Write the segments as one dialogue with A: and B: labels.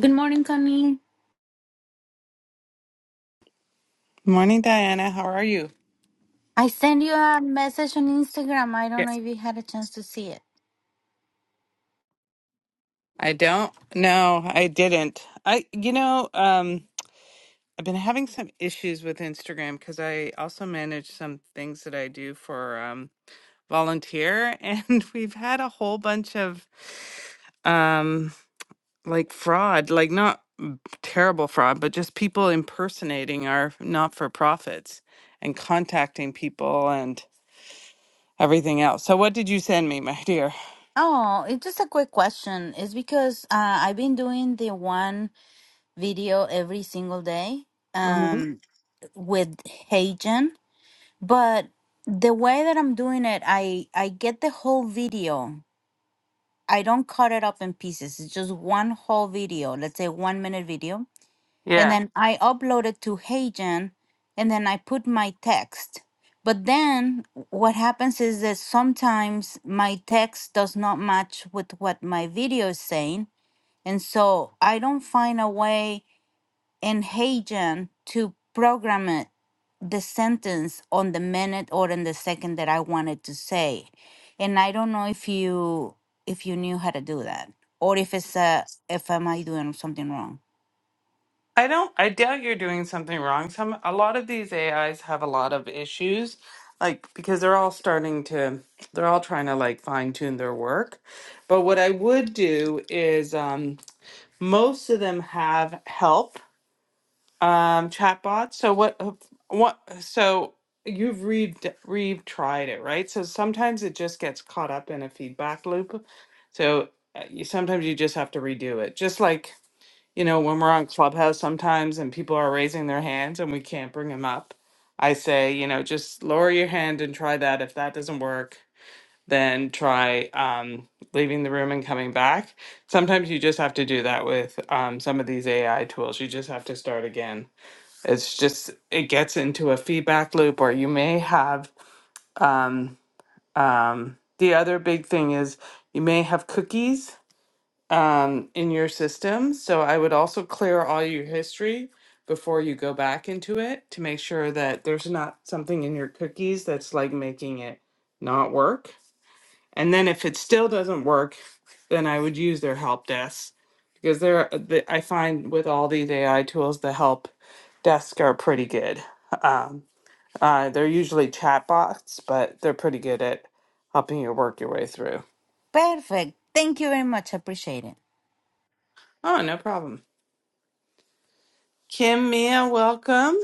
A: Good morning, Connie.
B: Morning, Diana. How are you?
A: I sent you a message on Instagram. I don't know
B: Yes.
A: if you had a chance to see it.
B: I don't. No, I didn't. I, you know, um, I've been having some issues with Instagram because I also manage some things that I do for um, volunteer, and we've had a whole bunch of um, like fraud, like not mm, terrible fraud, but just people impersonating our not-for-profits and contacting people and everything else. So, what did you send me, my dear?
A: Oh, it's just a quick question. It's because uh, I've been doing the one video every single day
B: hmm
A: um, with Heijen, but the way that I'm doing it, I I get the whole video. I don't cut it up in pieces. It's just one whole video. Let's say one minute video and
B: Yeah.
A: then I uploaded to HeyGen, and then I put my text. But then what happens is that sometimes my text does not match with what my video is saying, and so I don't find a way in HeyGen to program it the sentence on the minute or in the second that I wanted to say. And I don't know if you if you knew how to do that or if it's a if am I doing something wrong.
B: I don't. I doubt you're doing something wrong. Some a lot of these AIs have a lot of issues, like because they're all starting to, they're all trying to like fine tune their work. But what I would do is, um, most of them have help um, chatbots. So what? uh, What? So you've re re tried it, right? So sometimes it just gets caught up in a feedback loop. So uh, you, sometimes you just have to redo it, just like you know, when we're on Clubhouse sometimes and people are raising their hands and we can't bring them up, I say, you know, just lower your hand and try that. If that doesn't work, then try um, leaving the room and coming back. Sometimes you just have to do that with um, some of these AI tools. You just have to start again. It's just, it gets into a feedback loop, or you may have um, um, the other big thing is you may have cookies um, in your system. So I would also clear all your history before you go back into it to make sure that there's not something in your cookies that's like making it not work. And then if it still doesn't work, then I would use their help desk because they're, uh, the, I find with all these AI tools, the help desk are pretty good. Um, uh, they're usually chat bots, but they're pretty good at helping you work your way through.
A: Perfect. Thank you very much. Appreciate it.
B: Oh, no problem. Kim Mia, welcome.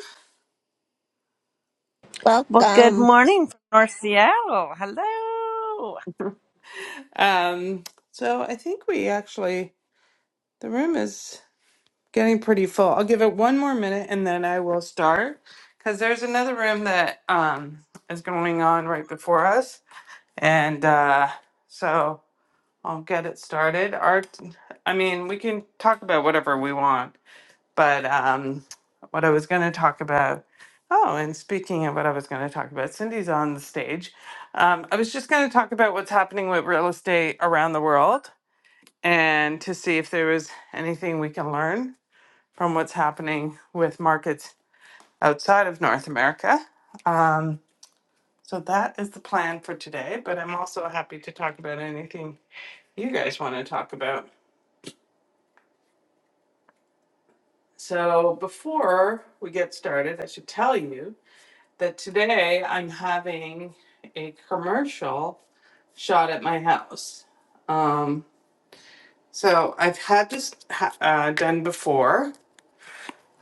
C: Well, good
D: Welcome.
C: morning from North Seattle. Hello.
B: Um, so I think we actually, the room is getting pretty full. I'll give it one more minute and then I will start because there's another room that um, is going on right before us. And uh, so I'll get it started. Art, I mean, we can talk about whatever we want, but um, what I was going to talk about. Oh, and speaking of what I was going to talk about, Cindy's on the stage. Um, I was just going to talk about what's happening with real estate around the world and to see if there is anything we can learn from what's happening with markets outside of North America. Um, so that is the plan for today, but I'm also happy to talk about anything you guys want to talk about. So before we get started, I should tell you that today I'm having a commercial shot at my house. Um, so I've had this ha- uh, done before,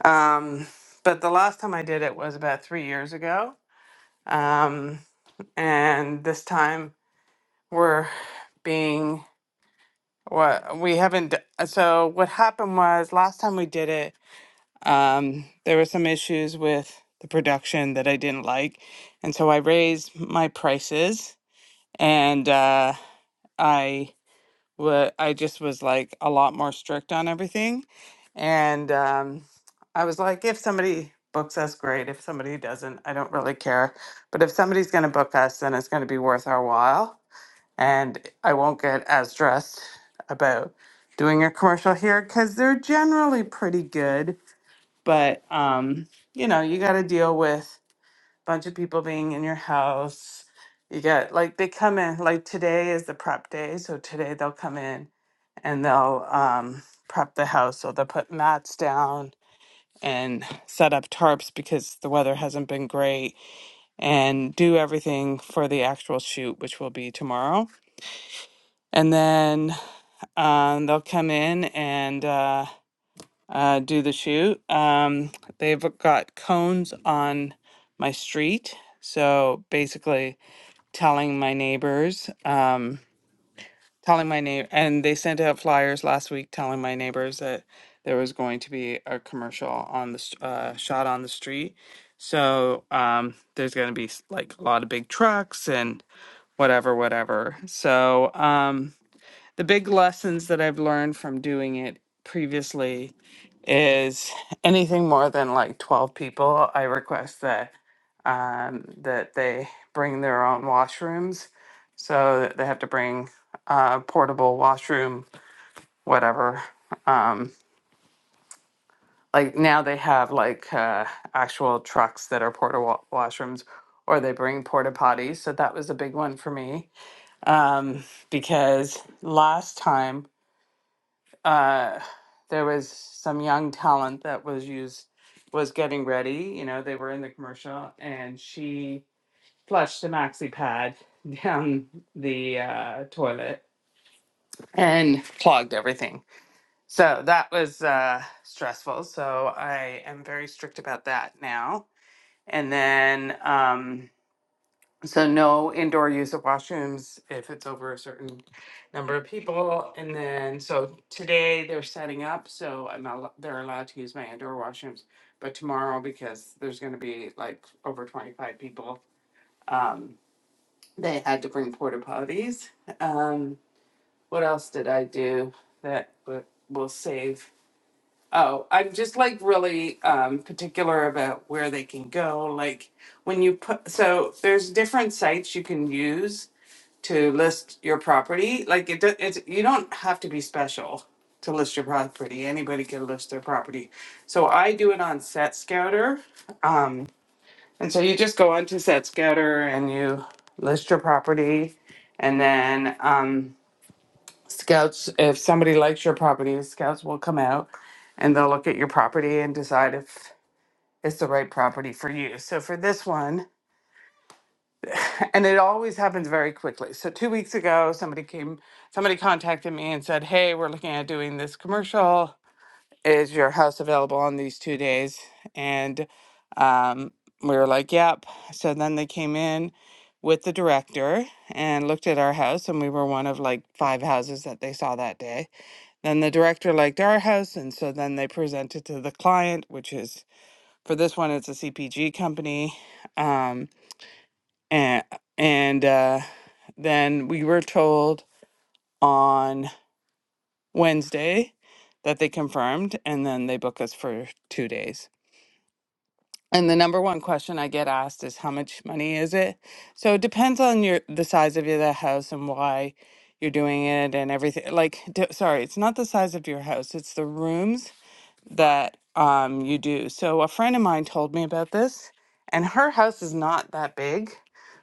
B: Um, but the last time I did it was about three years ago. Um, and this time we're being what we haven't. d- uh, So what happened was last time we did it, um, there were some issues with the production that I didn't like, and so I raised my prices and uh, I what I just was like a lot more strict on everything. And um, I was like, if somebody books us, great. If somebody doesn't, I don't really care. But if somebody's going to book us, then it's going to be worth our while. And I won't get as stressed about doing a commercial here because they're generally pretty good. But, um, you know, you got to deal with bunch of people being in your house. You get like they come in like today is the prep day, so today they'll come in and they'll um, prep the house. So they'll put mats down and set up tarps because the weather hasn't been great, and do everything for the actual shoot, which will be tomorrow. And then um, they'll come in and uh, uh, do the shoot. Um, they've got cones on my street, so basically telling my neighbors, um, telling my neighbor, and they sent out flyers last week telling my neighbors that there was going to be a commercial on the s- uh, shot on the street. So um, there's going to be s- like a lot of big trucks and whatever, whatever. So. Um, the big lessons that I've learned from doing it previously is anything more than like 12 people, I request that um, that they bring their own washrooms. So that they have to bring uh, portable washroom, whatever. Um, like now they have like uh, actual trucks that are portable washrooms or they bring porta potties. So that was a big one for me um, because last time uh, there was some young talent that was used was getting ready. You know, they were in the commercial, and she flushed a maxi pad down the uh, toilet and clogged everything. So that was uh, stressful. So I am very strict about that now. And then. Um, so no indoor use of washrooms if it's over a certain number of people. And then, so today they're setting up, so I'm not, allo- they're allowed to use my indoor washrooms. But tomorrow, because there's gonna be like over twenty-five people, um, they had to bring porta potties. Um, what else did I do that w- will save? Oh, I'm just like really, um, particular about where they can go, like when you put, so there's different sites you can use to list your property. Like it, do- it's you don't have to be special to list your property. Anybody can list their property. So I do it on Set Scouter, um, and so you just go onto Set Scouter and you list your property, and then um, scouts. If somebody likes your property, scouts will come out and they'll look at your property and decide if it's the right property for you. So for this one. and it always happens very quickly. So two weeks ago, somebody came, somebody contacted me and said, "Hey, we're looking at doing this commercial. Is your house available on these two days?" And um, we were like, "Yep." So then they came in with the director and looked at our house, and we were one of like five houses that they saw that day. Then the director liked our house, and so then they presented to the client, which is for this one, it's a CPG company. Um, and and uh, then we were told on Wednesday that they confirmed, and then they booked us for two days. And the number one question I get asked is how much money is it? So it depends on your the size of your the house and why you're doing it and everything. Like, d- sorry, it's not the size of your house; it's the rooms that um, you do. So a friend of mine told me about this, and her house is not that big,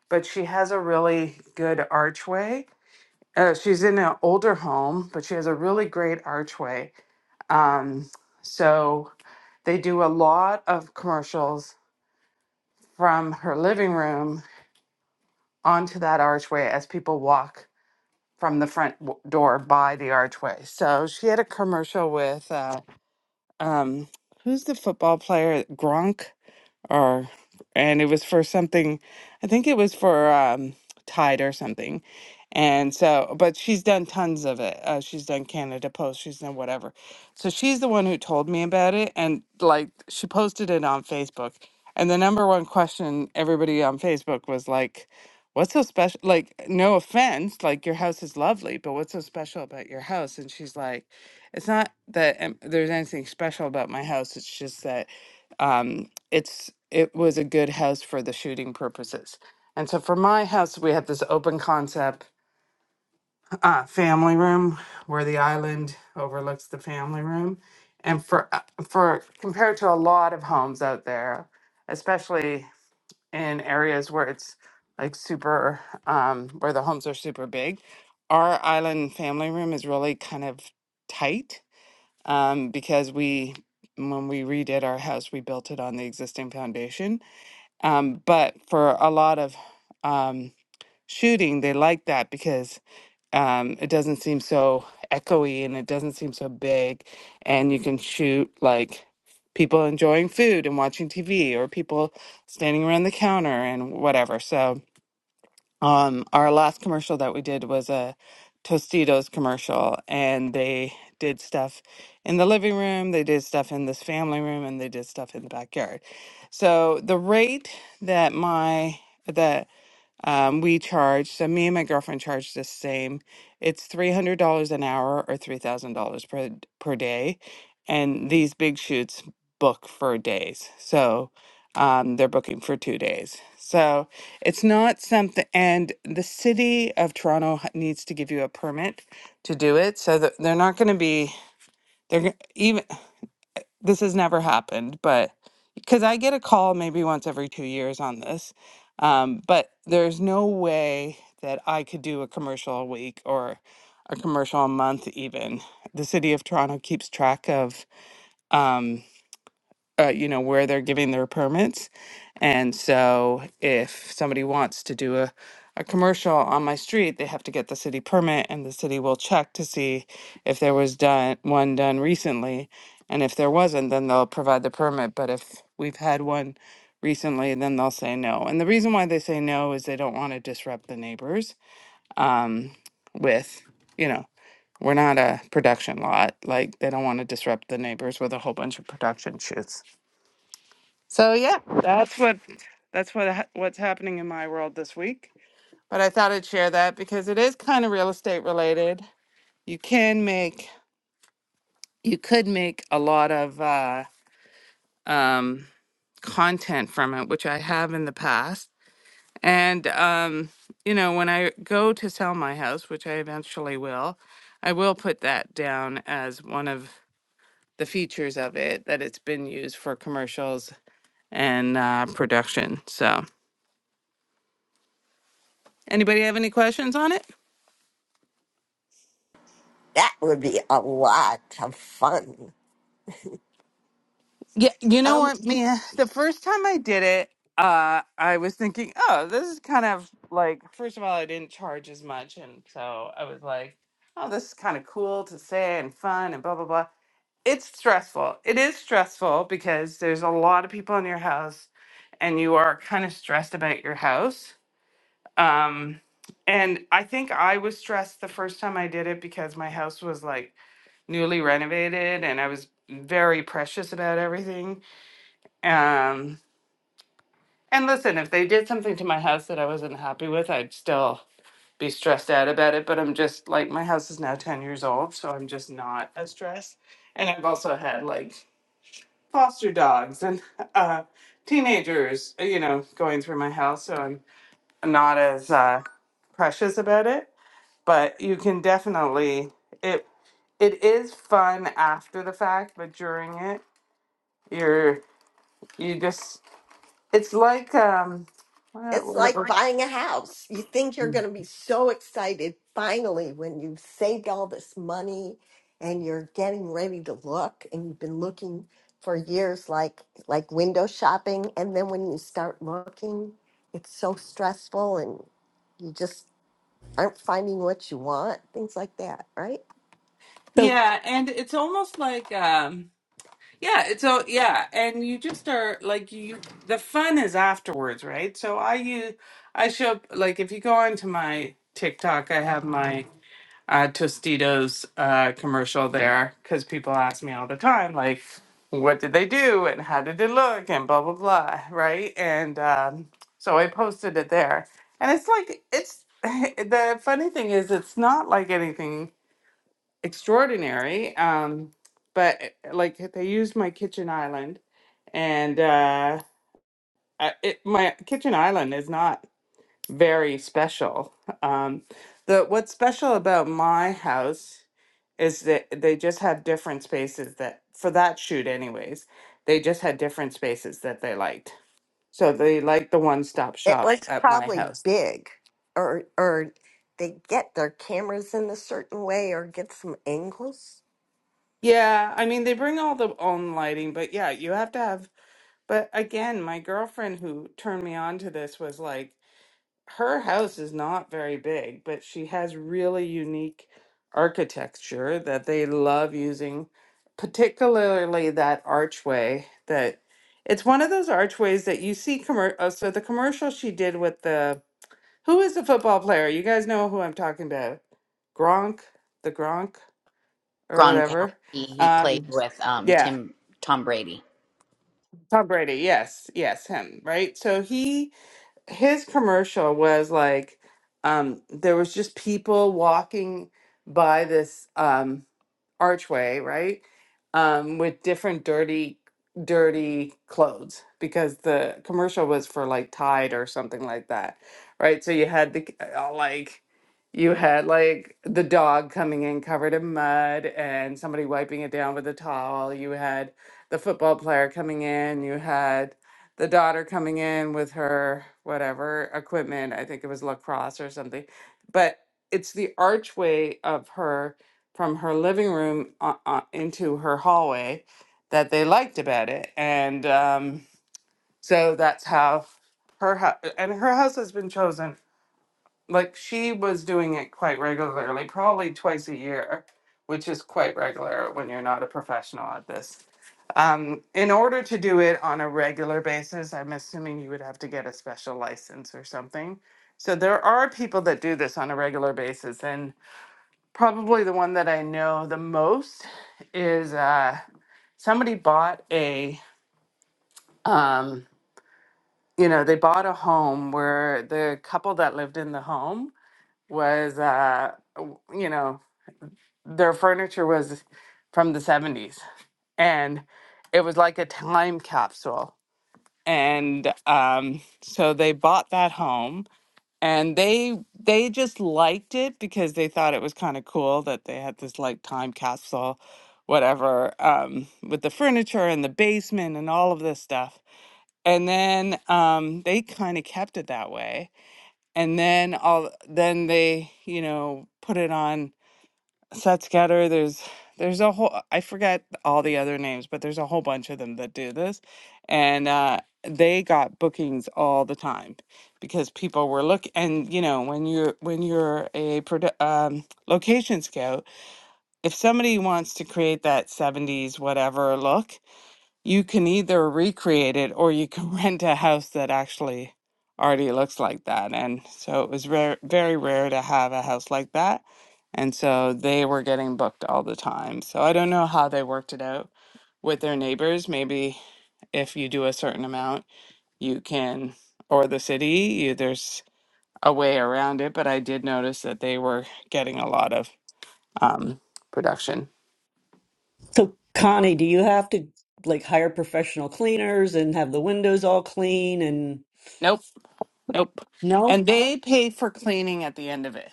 B: but she has a really good archway. Uh, she's in an older home, but she has a really great archway. Um, so they do a lot of commercials from her living room onto that archway as people walk from the front w- door by the archway. So she had a commercial with uh, um, who's the football player? Gronk. or and it was for something i think it was for um tide or something and so but she's done tons of it uh, she's done canada post she's done whatever so she's the one who told me about it and like she posted it on facebook and the number one question everybody on facebook was like what's so special like no offense like your house is lovely but what's so special about your house and she's like it's not that um, there's anything special about my house it's just that um, it's it was a good house for the shooting purposes. And so for my house, we have this open concept uh, family room where the island overlooks the family room. And for uh, for compared to a lot of homes out there, especially in areas where it's like super um, where the homes are super big, our island family room is really kind of tight um, because we when we redid our house, we built it on the existing foundation um, but for a lot of um, shooting, they like that because um, it doesn't seem so echoey and it doesn't seem so big. And you can shoot like people enjoying food and watching TV or people standing around the counter and whatever. So, um, our last commercial that we did was a Tostitos commercial, and they did stuff in the living room, they did stuff in this family room, and they did stuff in the backyard. So the rate that my that um, we charge, so me and my girlfriend charge the same. It's $300 an hour or $3,000 per per day. And these big shoots book for days. So um, they're booking for two days. So it's not something, and the city of Toronto h- needs to give you a permit to do it. So that they're not going to be, they're g- even this has never happened, but because I get a call maybe once every two years on this, um, but there's no way that I could do a commercial a week or a commercial a month, even. The city of Toronto keeps track of. um, uh, you know, where they're giving their permits. And so if somebody wants to do a, a commercial on my street, they have to get the city permit and the city will check to see if there was done one done recently. And if there wasn't, then they'll provide the permit. But if we've had one recently, then they'll say no. And the reason why they say no is they don't want to disrupt the neighbors um, with, you know, we're not a production lot. Like they don't want to disrupt the neighbors with a whole bunch of production shoots. So yeah, that's what that's what ha- what's happening in my world this week. But I thought I'd share that because it is kind of real estate related. You can make you could make a lot of uh, um, content from it, which I have in the past. And um, you know, when I go to sell my house, which I eventually will, I will put that down as one of the features of it that it's been used for commercials and uh, production. So. Anybody have any questions on it?
D: That would be a lot of fun.
B: Yeah, you know
D: Um,
B: what, Mia? The first time I did it, uh, I was thinking, oh, this is kind of like, first of all, I didn't charge as much. And so I was like, oh, this is kind of cool to say and fun and blah, blah, blah. It's stressful. It is stressful because there's a lot of people in your house and you are kind of stressed about your house. Um, and I think I was stressed the first time I did it because my house was like newly renovated and I was very precious about everything. Um, and listen, if they did something to my house that I wasn't happy with, I'd still be stressed out about it. But I'm just like, my house is now 10 years old, so I'm just not as stressed. And I've also had like foster dogs and uh, teenagers, uh, you know, going through my house. So I'm not as uh, precious about it. But you can definitely, it it is fun after the fact, but during it, You're you just it's like um what,
D: it's
B: what,
D: like
B: what-
D: buying a house. You think you're going to be so excited finally when you've saved all this money and you're getting ready to look and you've been looking for years like like window shopping and then when you start looking, it's so stressful and you just aren't finding what you want, things like that, right?
B: yeah, and it's almost like um yeah, it's all yeah, and you just are like you the fun is afterwards, right? So I use I show like if you go onto my TikTok, I have my uh, Tostitos uh, commercial there because people ask me all the time, like, what did they do and how did it look and blah, blah, blah, right? And um, so I posted it there. And it's like, it's the funny thing is, it's not like anything extraordinary, um, but uh, like they used my kitchen island and uh, I- it, my kitchen island is not very special. Um, the what's special about my house is that they just have different spaces that for that shoot anyways, they just had different spaces that they liked. So they like the one-stop
D: It
B: shop
D: was
B: at my
D: probably
B: house.
D: big, or or they get their cameras in a certain way, or get some angles.
B: Yeah, I mean they bring all the own lighting, but yeah, you have to have but again, my girlfriend who turned me on to this was like her house is not very big, but she has really unique architecture that they love using, particularly that archway that it's one of those archways that you see commer- oh, so the commercial she did with the who is the football player? You guys know who I'm talking about. Gronk, the Gronk or
E: Gronkowski.
B: whatever.
E: He played
B: Um
E: with um
B: yeah,
E: Tim Tom Brady.
B: Tom Brady. Yes, yes, him, right? So he his commercial was like um there was just people walking by this um archway right um with different dirty dirty clothes because the commercial was for like tide or something like that right so you had the uh, like you had like the dog coming in covered in mud and somebody wiping it down with a towel you had the football player coming in you had the daughter coming in with her whatever equipment. I think it was lacrosse or something. But it's the archway of her from her living room uh, uh, into her hallway that they liked about it, and um, so that's how her house and her house has been chosen like she was doing it quite regularly, probably twice a year, which is quite regular when you're not a professional at this. Um, in order to do it on a regular basis, I'm assuming you would have to get a special license or something. So there are people that do this on a regular basis, and probably the one that I know the most is uh, somebody bought a, um, you know, they bought a home where the couple that lived in the home was uh w- you know their furniture was from the 70s and it was like a time capsule and um so they bought that home and they they just liked it because they thought it was kind of cool that they had this like time capsule whatever um with the furniture and the basement and all of this stuff and then um they kind of kept it that way and then all then they you know put it on Sudscatter, there's there's a whole I forget all the other names, but there's a whole bunch of them that do this. And uh they got bookings all the time because people were look and you know when you're when you're a produ- um, location scout if somebody wants to create that 70s whatever look you can either recreate it or you can rent a house that actually already looks like that. And so it was rare, very rare to have a house like that. And so they were getting booked all the time. So I don't know how they worked it out with their neighbors. Maybe if you do a certain amount, you can, or the city, you, there's a way around it. But I did notice that they were getting a lot of um, production.
F: So, Connie, do you have to like hire professional cleaners and have the windows all clean and
B: Nope, nope.
F: no?
B: And they pay for cleaning at the end of it.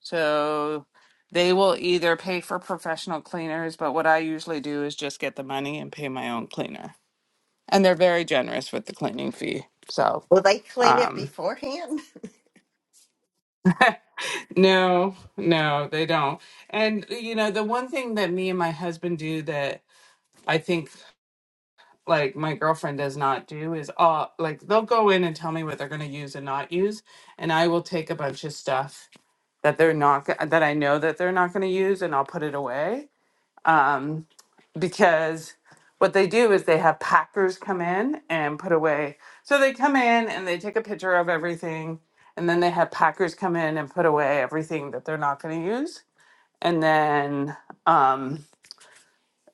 B: So they will either pay for professional cleaners, but what I usually do is just get the money and pay my own cleaner. And they're very generous with the cleaning fee. So,
D: Will they clean it
B: um,
D: beforehand?
B: no, no, they don't. And, you know, the one thing that me and my husband do that I think like my girlfriend does not do is all like they'll go in and tell me what they're going to use and not use. And I will take a bunch of stuff that they're not, go- that I know that they're not going to use and I'll put it away. Um, because what they do is they have packers come in and put away. So they come in and they take a picture of everything, and then they have packers come in and put away everything that they're not going to use, and then um,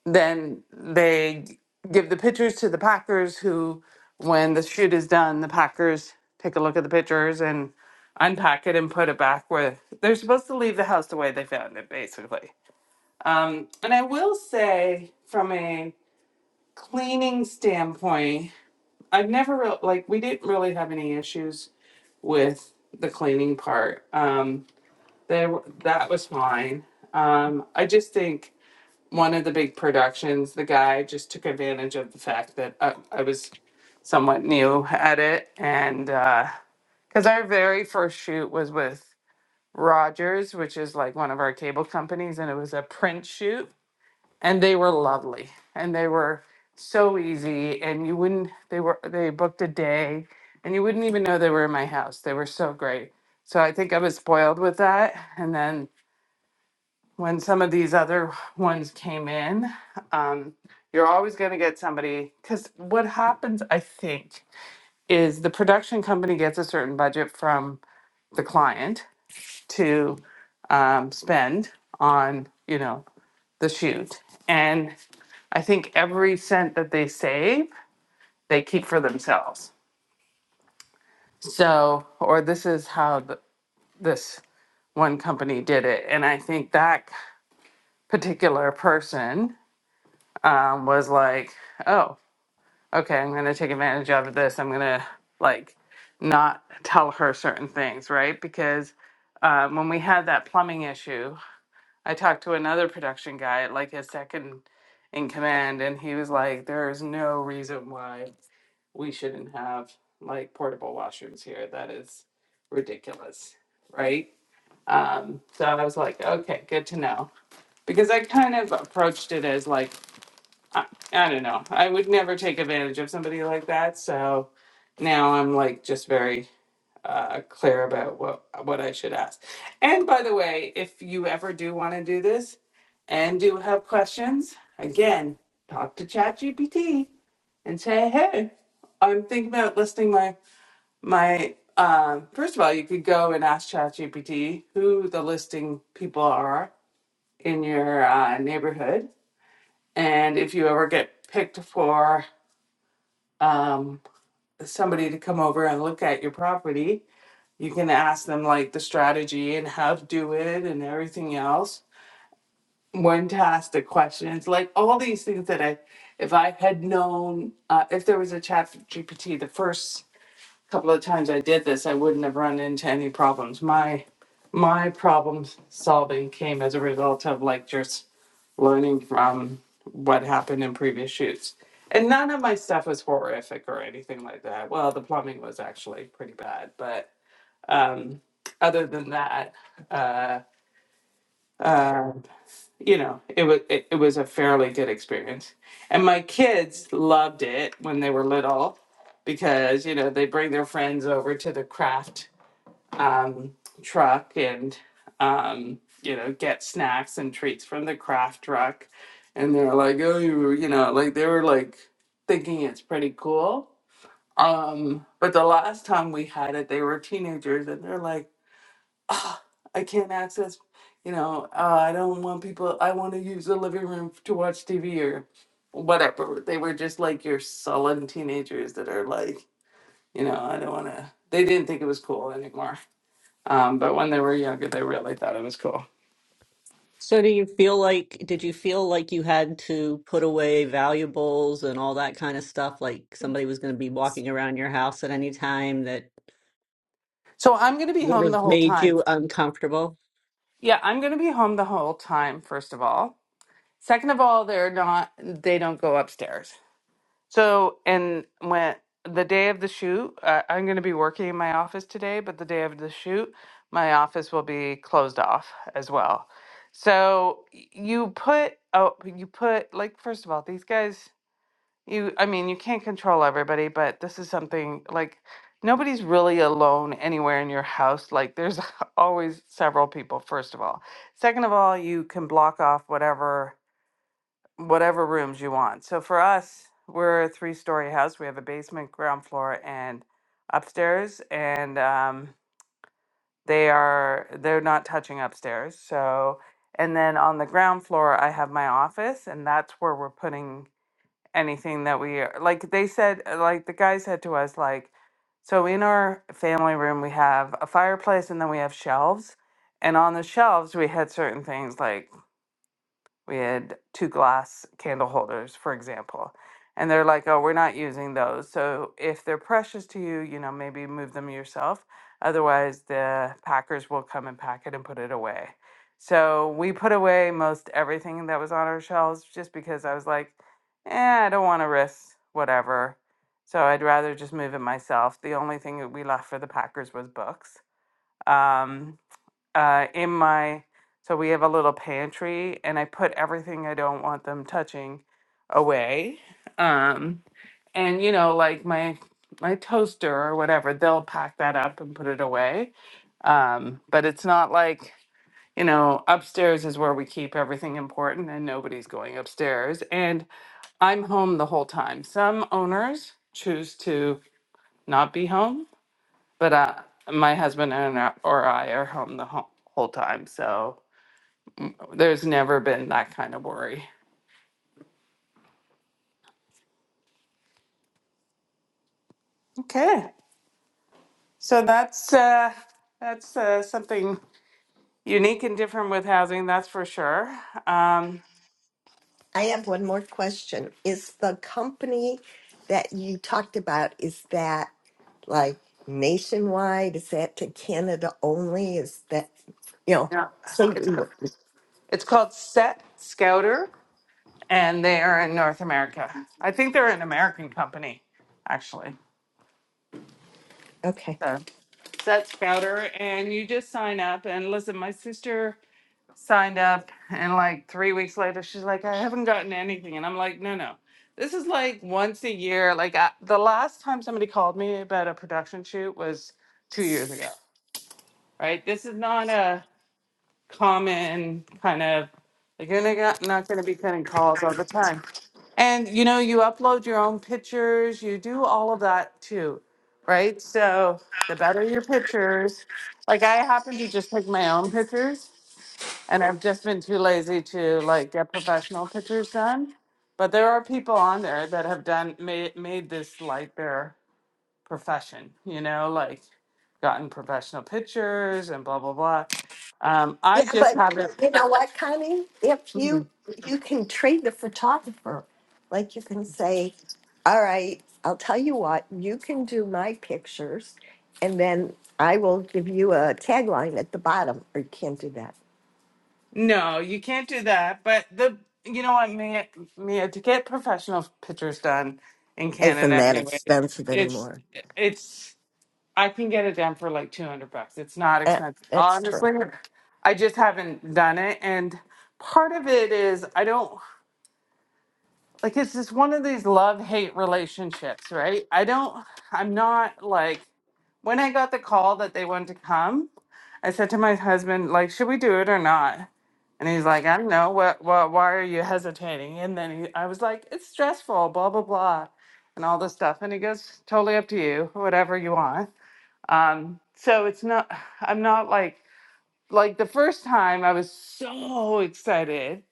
B: then they give the pictures to the packers who, when the shoot is done, the packers take a look at the pictures and unpack it and put it back where they're supposed to leave the house the way they found it, basically. Um, and I will say from a cleaning standpoint, I've never really like we didn't really have any issues with the cleaning part. Um, there that was fine. Um, I just think one of the big productions, the guy just took advantage of the fact that I, I was somewhat new at it, and because our very first shoot was with Rogers, which is like one of our cable companies, and it was a print shoot and they were lovely and they were so easy and you wouldn't they were they booked a day and you wouldn't even know they were in my house they were so great so i think i was spoiled with that and then when some of these other ones came in um, you're always going to get somebody because what happens i think is the production company gets a certain budget from the client to um, spend on you know the shoot and. I think every cent that they save, they keep for themselves. So, or this is how th- this one company did it. And I think that particular person um, was like, oh, okay, I'm going to take advantage of this. I'm going to like not tell her certain things, right? Because uh, when we had that plumbing issue, I talked to another production guy, like his second in command, and he was like, "There is no reason why we shouldn't have like portable washrooms here. That is ridiculous, right?" Um, so I was like, "Okay, good to know," because I kind of approached it as like I, I don't know. I would never take advantage of somebody like that. So now I'm like just very uh, clear about what what I should ask. And by the way, if you ever do want to do this and do have questions, again, talk to ChatGPT and say, "Hey, I'm thinking about listing my my." Um, first of all, you could go and ask ChatGPT who the listing people are in your uh, neighborhood and if you ever get picked for um, somebody to come over and look at your property, you can ask them like the strategy and how to do it and everything else. When to ask the questions, like all these things that I, if I had known, uh, if there was a chat GPT the first couple of times I did this, I wouldn't have run into any problems. My my problem solving came as a result of like just learning from what happened in previous shoots. And none of my stuff was horrific or anything like that. Well, the plumbing was actually pretty bad, but um, other than that, uh, uh, you know, it was it, it was a fairly good experience. And my kids loved it when they were little because, you know, they bring their friends over to the craft um, truck and um, you know, get snacks and treats from the craft truck. And they're like, oh, you, you know, like they were like thinking it's pretty cool. Um, but the last time we had it, they were teenagers and they're like, "Ah, I can't access, you know, uh, I don't want people, I want to use the living room to watch TV or whatever. They were just like your sullen teenagers that are like, you know, I don't want to, they didn't think it was cool anymore. Um, but when they were younger, they really thought it was cool.
F: So do you feel like, did you feel like you had to put away valuables and all that kind of stuff? Like somebody was going to be walking around your house at any time that
B: So I'm going to be
F: would
B: home
F: have
B: the whole
F: made
B: time.
F: you uncomfortable?
B: Yeah, I'm going to be home the whole time, first of all. Second of all, they're not, they don't go upstairs. So, and when the day of the shoot, uh, I'm going to be working in my office today, but the day of the shoot, my office will be closed off as well. So y- you put oh you put like first of all these guys you I mean you can't control everybody but this is something like nobody's really alone anywhere in your house like there's always several people first of all second of all you can block off whatever whatever rooms you want. So for us, we're a three story house. We have a basement, ground floor, and upstairs. And um, they are they're not touching upstairs. So and then on the ground floor, I have my office, and that's where we're putting anything that we are like. They said uh, like the guy said to us like. So in our family room we have a fireplace and then we have shelves and on the shelves we had certain things like we had two glass candle holders, for example. And they're like, oh, we're not using those. So if they're precious to you, you know, maybe move them yourself. Otherwise, the packers will come and pack it and put it away. So we put away most everything that was on our shelves just because I was like, eh, I don't want to risk whatever. So I'd rather just move it myself. The only thing that we left for the packers was books. Um, uh, in my so we have a little pantry and I put everything I don't want them touching away. Um, and you know, like my my toaster or whatever, they'll pack that up and put it away. Um, but it's not like you know, upstairs is where we keep everything important and nobody's going upstairs. And I'm home the whole time. Some owners choose to not be home, but uh, my husband and I- or I are home the whole, whole time. So, there's never been that kind of worry. Okay, so that's uh, that's uh, something unique and different with housing, that's for sure. Um,
D: I have one more question. Is the company that you talked about is that like nationwide? Is that to Canada only? Is that you know?
B: yeah,
D: So
B: it's
D: you
B: ca-
D: were-
B: it's called Set Scouter, and they are in North America. I think they're an American company, actually.
D: okay.
B: So Set Scouter, and you just sign up and listen. My sister signed up and like three weeks later she's like i haven't gotten anything and i'm like no no this is like once a year like I, the last time somebody called me about a production shoot was two years ago right this is not a common kind of like you're not gonna not gonna be getting calls all the time and you know you upload your own pictures you do all of that too right so the better your pictures like i happen to just take my own pictures and I've just been too lazy to like get professional pictures done. But there are people on there that have done made made this like their profession, you know, like gotten professional pictures and blah blah blah. Um,
D: Yeah,
B: I just
D: but
B: haven't.
D: you know what, Connie? If you
B: Mhm.
D: you can trade the photographer, like you can say, "All right, I'll tell you what. You can do my pictures, and then I will give you a tagline at the bottom." Or you can't do that.
B: No, you can't do that. But the you know what, Mia, Mia, to get professional pictures done in
D: Isn't
B: Canada
D: that
B: anyway,
D: expensive
B: it's
D: anymore?
B: it's I can get it done for like 200 bucks. It's not
D: Eh,
B: expensive.
D: that's true.
B: Honestly, I just haven't done it. And part of it is I don't like it's just one of these love hate relationships, right? I don't, I'm not like, when I got the call that they wanted to come, I said to my husband, like, should we do it or not? And he's like, I don't know. What, what, why are you hesitating? And then he, I was like, it's stressful, blah, blah, blah, and all this stuff. And he goes, totally up to you, whatever you want. Um, so it's not, I'm not like, like the first time I was so excited.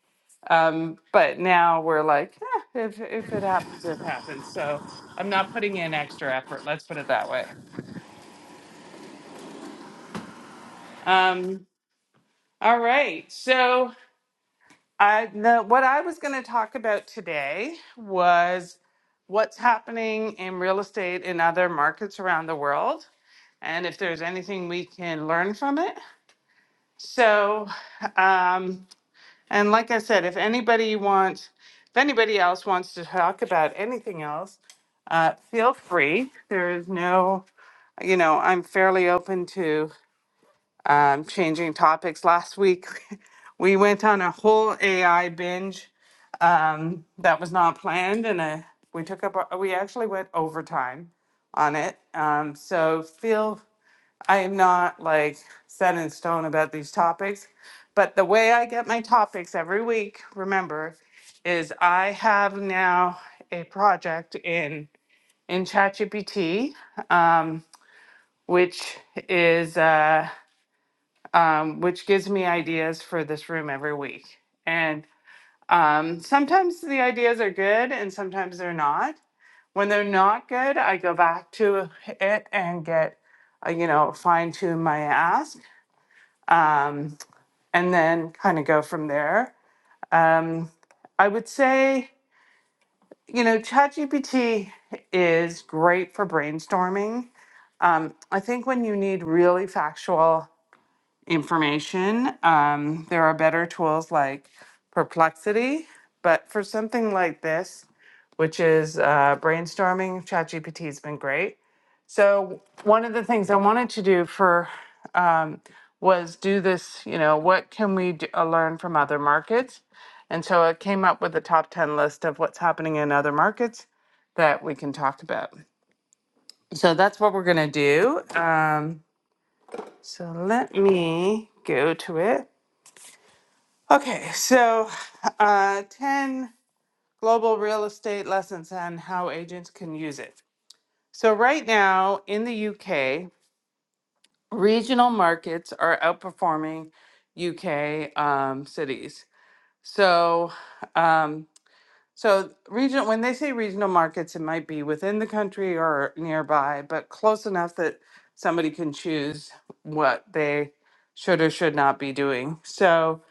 B: Um, but now we're like, "Eh, if, if it happens, it happens. So I'm not putting in extra effort. Let's put it that way. Um, all right. So I, the, what I was going to talk about today was what's happening in real estate in other markets around the world and if there's anything we can learn from it. So, um, And like I said, if anybody wants, if anybody else wants to talk about anything else, uh, feel free. There is no, you know, I'm fairly open to um, changing topics. Last week, we went on a whole AI binge um, that was not planned, and uh we took up, our, we actually went overtime on it. Um, so feel I am not like set in stone about these topics, but the way I get my topics every week, remember, is I have now a project in in ChatGPT, um, which is uh, um, which gives me ideas for this room every week, and um, sometimes the ideas are good and sometimes they're not. When they're not good, I go back to it and get uh, you know fine tune my ask um, and then kind of go from there. Um, I would say, you know, ChatGPT is great for brainstorming. Um, I think when you need really factual information, um, there are better tools like Perplexity. But for something like this, which is uh, brainstorming, ChatGPT has been great. So one of the things I wanted to do for um, was do this, you know, what can we do, uh, learn from other markets? And so I came up with a top 10 list of what's happening in other markets that we can talk about. So that's what we're going to do. Um, so let me go to it. Okay, so uh, 10 global real estate lessons on how agents can use it. So, right now in the UK, regional markets are outperforming UK um, cities. So, um, so regional, when they say regional markets, it might be within the country or nearby, but close enough that somebody can choose what they should or should not be doing. So,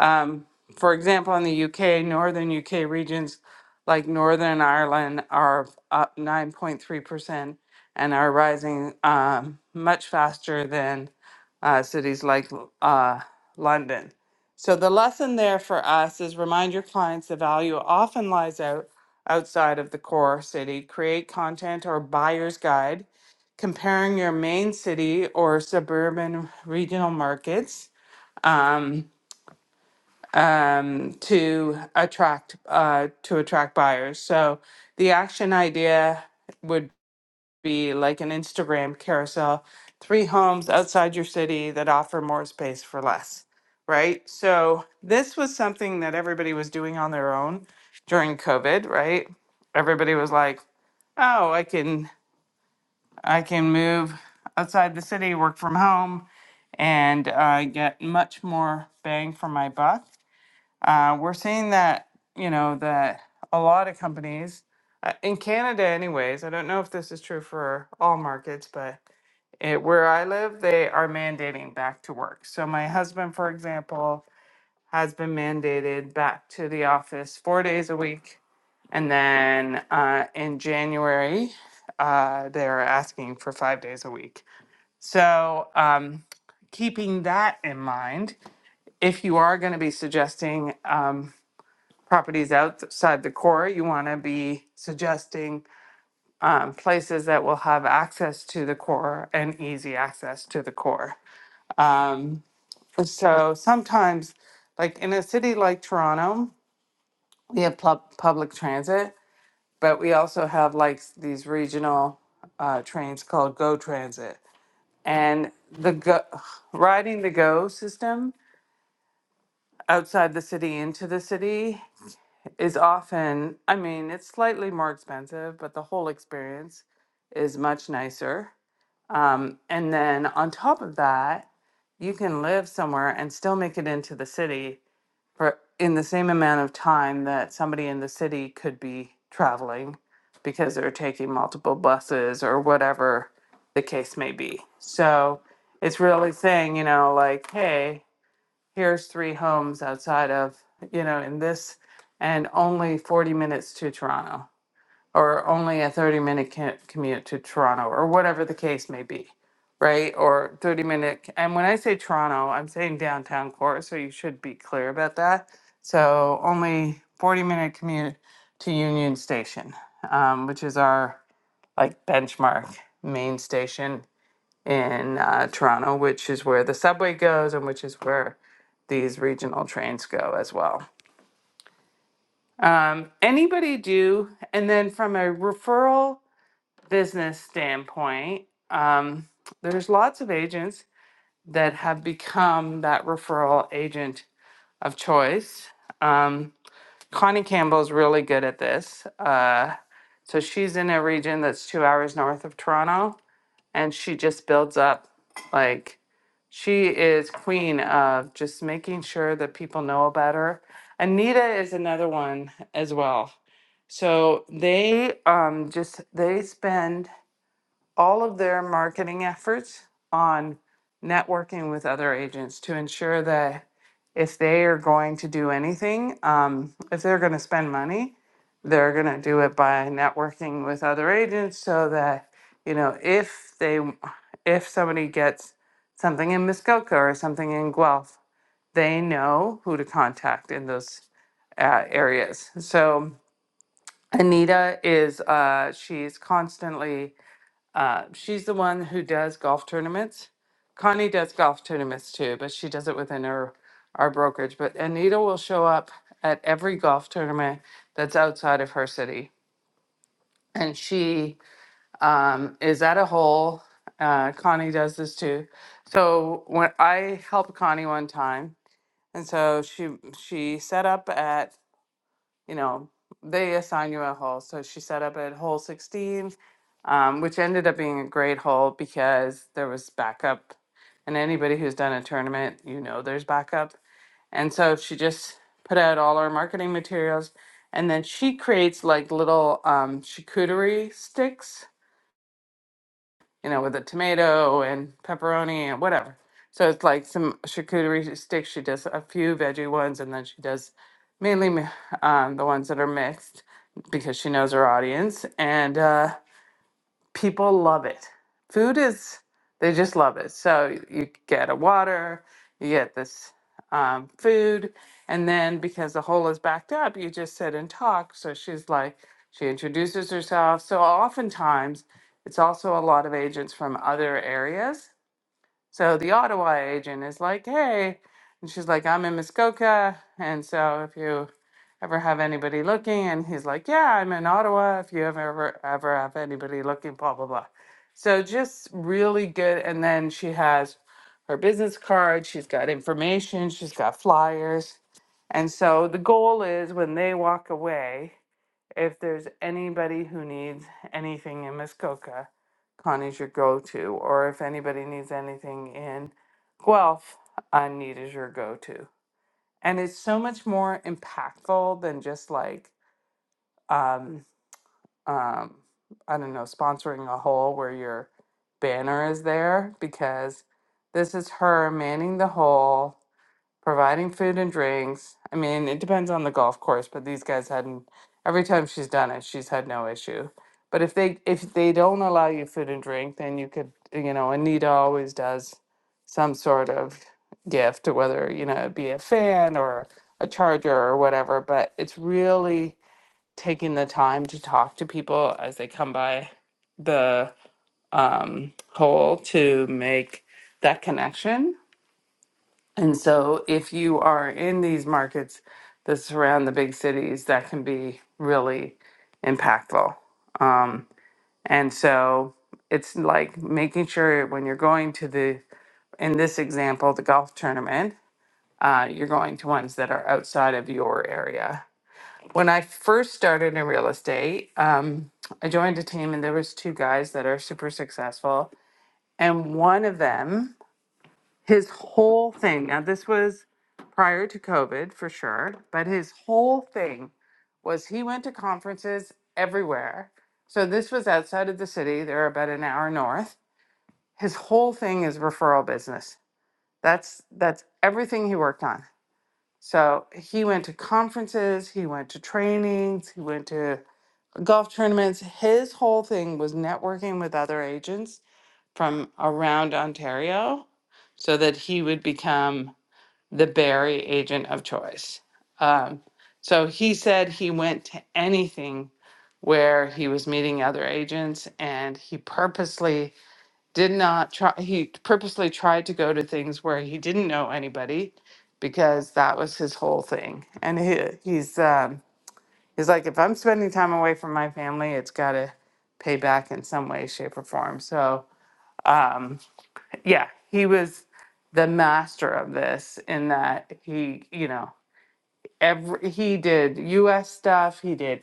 B: um, for example, in the UK, northern UK regions like Northern Ireland are up 9.3% and are rising um, much faster than uh, cities like uh, London. So the lesson there for us is remind your clients the value often lies out outside of the core city. Create content or buyer's guide comparing your main city or suburban regional markets um, um, to attract uh, to attract buyers. So the action idea would be like an Instagram carousel, three homes outside your city that offer more space for less, right? So this was something that everybody was doing on their own during COVID, right? Everybody was like, "Oh, I can I can move outside the city, work from home, and uh, get much more bang for my buck." Uh, we're seeing that you know that a lot of companies uh, in Canada, anyways. I don't know if this is true for all markets, but it, where I live, they are mandating back to work. So my husband, for example, has been mandated back to the office four days a week. And then uh, in January, uh, they're asking for five days a week. So um, keeping that in mind, if you are going to be suggesting um, properties outside the core, you want to be suggesting um, places that will have access to the core and easy access to the core. Um, so sometimes, like in a city like Toronto, we have pub public transit, but we also have like s- these regional uh, trains called Go Transit. And the go- riding the Go system outside the city into the city is often, I mean, it's slightly more expensive, but the whole experience is much nicer. Um, and then on top of that, you can live somewhere and still make it into the city for in the same amount of time that somebody in the city could be traveling because they're taking multiple buses or whatever the case may be. So it's really saying, you know, like, hey, here's three homes outside of, you know, in this and only 40 minutes to Toronto or only a 30 minute commute to Toronto or whatever the case may be, right? Or 30 minute. And when I say Toronto, I'm saying downtown core, so you should be clear about that. So only 40 minute commute to Union Station, um, which is our like benchmark main station in uh, Toronto, which is where the subway goes and which is where these regional trains go as well. Um, anybody do? And then from a referral business standpoint, um, there's lots of agents that have become that referral agent of choice. Um, Connie Campbell's really good at this. Uh, so she's in a region that's two hours north of Toronto, and she just builds up like she is queen of just making sure that people know about her. Anita is another one as well. So they um, just they spend all of their marketing efforts on networking with other agents to ensure that if they are going to do anything, um, if they're going to spend money, they're going to do it by networking with other agents so that, you know, if they, if somebody gets something in Muskoka or something in Guelph, they know who to contact in those uh, areas. So Anita is, uh, she's constantly uh, she's the one who does golf tournaments. Connie does golf tournaments too, but she does it within her our brokerage. But Anita will show up at every golf tournament that's outside of her city, and she um, is at a hole. Uh, Connie does this too. So when I helped Connie one time, and so she she set up at you know, they assign you a hole. So she set up at hole 16, um, which ended up being a great hole because there was backup. And anybody who's done a tournament, you know there's backup. And so she just put out all our marketing materials. And then she creates like little um, charcuterie sticks you know, with a tomato and pepperoni and whatever. So it's like some charcuterie sticks. She does a few veggie ones, and then she does mainly mi- um, the ones that are mixed because she knows her audience. And uh, people love it. Food is, they just love it. So you get a water, you get this um, food, and then because the hole is backed up, you just sit and talk. So she's like, she introduces herself. So oftentimes, it's also a lot of agents from other areas so the Ottawa agent is like, hey, and she's like, I'm in Muskoka. And so if you ever have anybody looking, and he's like, yeah, I'm in Ottawa. If you ever, ever, ever have anybody looking, blah, blah, blah. So just really good. And then she has her business card, she's got information, she's got flyers. And so the goal is when they walk away, if there's anybody who needs anything in Muskoka, Connie's your go-to, or if anybody needs anything in Guelph, Need is your go-to. And it's so much more impactful than just like, um, um, I don't know, sponsoring a hole where your banner is there because this is her manning the hole providing food and drinks. I mean, it depends on the golf course, but these guys hadn't every time she's done it, she's had no issue. But if they if they don't allow you food and drink, then you could you know, Anita always does some sort of gift, whether, you know, it be a fan or a charger or whatever. But it's really taking the time to talk to people as they come by the um hole to make that connection and so, if you are in these markets that surround the big cities, that can be really impactful. Um, and so, it's like making sure when you're going to the, in this example, the golf tournament, uh, you're going to ones that are outside of your area. When I first started in real estate, um, I joined a team and there was two guys that are super successful, and one of them his whole thing. Now, this was prior to COVID for sure, but his whole thing was he went to conferences everywhere. So, this was outside of the city. They're about an hour north. His whole thing is referral business. That's that's everything he worked on. So he went to conferences, he went to trainings, he went to golf tournaments. His whole thing was networking with other agents from around Ontario so that he would become the Barry agent of choice. Um, so he said he went to anything where he was meeting other agents and he purposely did not try, he purposely tried to go to things where he didn't know anybody because that was his whole thing. And he, he's, um, he's like, if I'm spending time away from my family, it's got to pay back in some way, shape, or form. So, um, yeah, he was the master of this in that he, you know, every he did U.S. stuff. He did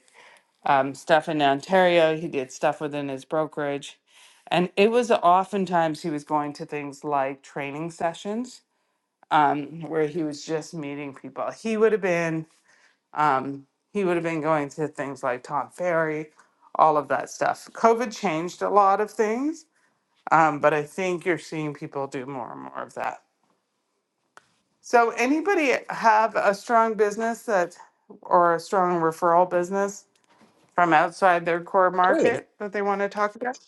B: um, stuff in Ontario. He did stuff within his brokerage, and it was oftentimes he was going to things like training sessions um, where he was just meeting people. He would have been um, he would have been going to things like Tom Ferry, all of that stuff. COVID changed a lot of things, um, but I think you're seeing people do more and more of that. So, anybody have a strong business that or a strong referral business from outside their core
D: Connie,
B: market that they want to talk about?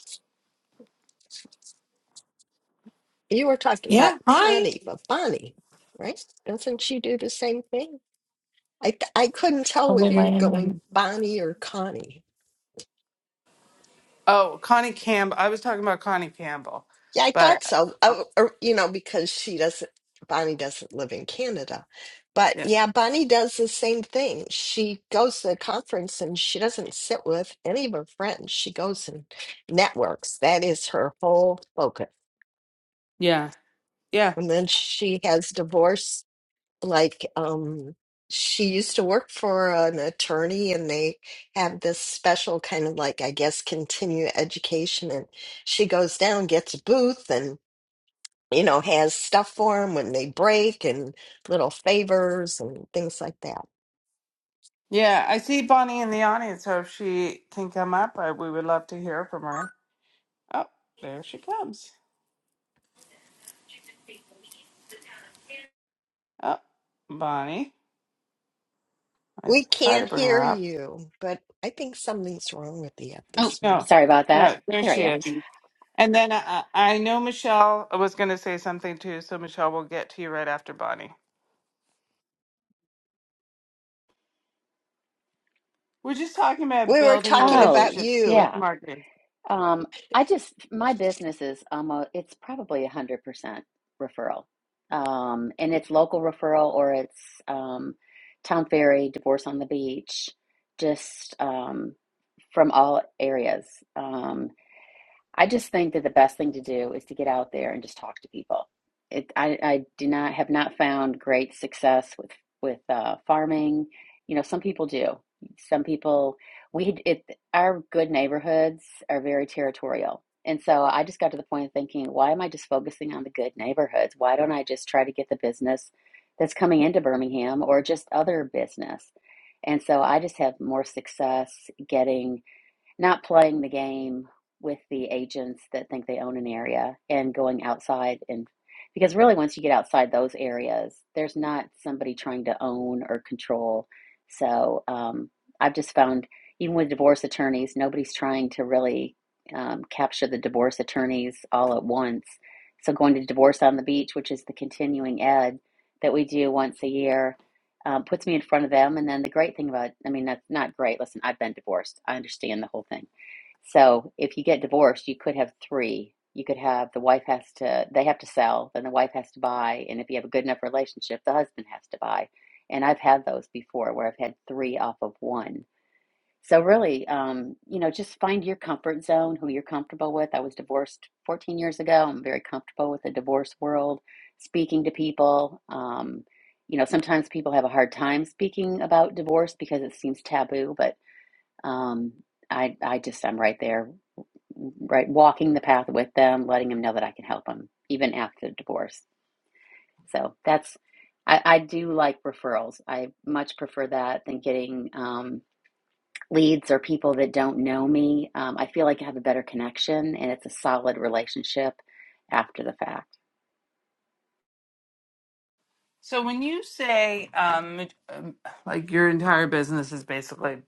D: you were talking about
G: Yeah, hi.
D: Connie, but Bonnie, right? Doesn't she do the same thing? I I couldn't tell
G: Probably
D: whether you're
G: Miami.
D: going Bonnie or Connie.
B: Oh, Connie Campbell. I was talking about Connie Campbell,
D: Yeah, I
B: but
D: thought so. Uh, or, you know, because she doesn't, Bonnie doesn't live in Canada. But
B: yeah,
D: yeah, Bonnie does the same thing. She goes to a conference and she doesn't sit with any of her friends. She goes and networks. That is her whole focus.
B: yeah, yeah,
D: And then she has divorce. Like, um, she used to work for an attorney and they have this special kind of like, I guess, continue education. And she goes down, gets a booth and you know, has stuff for them when they break and little favors and things like that.
B: yeah. I see Bonnie in the audience, so if she can come up, I, we would love to hear from her. Oh, there she comes. Oh, Bonnie. I
D: We
B: try to
D: can't
B: bring
D: hear
B: her up.
D: you, but I think something's wrong with the app
H: Oh,
D: this morning.
B: No,
H: sorry about that.
B: no, there
H: There I
B: she
H: am.
B: is. And then I, I know Michelle was going to say something too, so Michelle, we'll get to you right after Bonnie. We're just talking about
D: We were
B: building
D: talking
H: Oh,
D: about
B: relationships
D: you.
B: with
H: yeah.
B: marketing.
H: Um, I just my business is almost it's probably a hundred percent referral, um, and it's local referral or it's um, town ferry, divorce on the beach, just um, from all areas. Um, I just think that the best thing to do is to get out there and just talk to people. It, I, I do not have not found great success with with uh, farming. You know, some people do. Some people we it our good neighborhoods are very territorial, and so I just got to the point of thinking, why am I just focusing on the good neighborhoods? Why don't I just try to get the business that's coming into Birmingham or just other business? And so I just have more success getting not playing the game with the agents that think they own an area and going outside and because really once you get outside those areas there's not somebody trying to own or control so um, i've just found even with divorce attorneys nobody's trying to really um, capture the divorce attorneys all at once so going to divorce on the beach which is the continuing ed that we do once a year um, puts me in front of them. And then the great thing about, I mean, that's not great. Listen, I've been divorced. I understand the whole thing. So if you get divorced, you could have three. You could have the wife has to, they have to sell, then the wife has to buy. And if you have a good enough relationship, the husband has to buy. And I've had those before where I've had three off of one so really, um, you know, just find your comfort zone, who you're comfortable with. I was divorced 14 years ago. I'm very comfortable with the divorce world, speaking to people. Um, you know, sometimes people have a hard time speaking about divorce because it seems taboo, but um, I, I just, I'm right there, right, walking the path with them, letting them know that I can help them even after the divorce. So that's, I, I do like referrals. I much prefer that than getting, um, leads or people that don't know me, um, I feel like I have a better connection and it's a solid relationship after the fact.
B: So when you say um, um, like your entire business is basically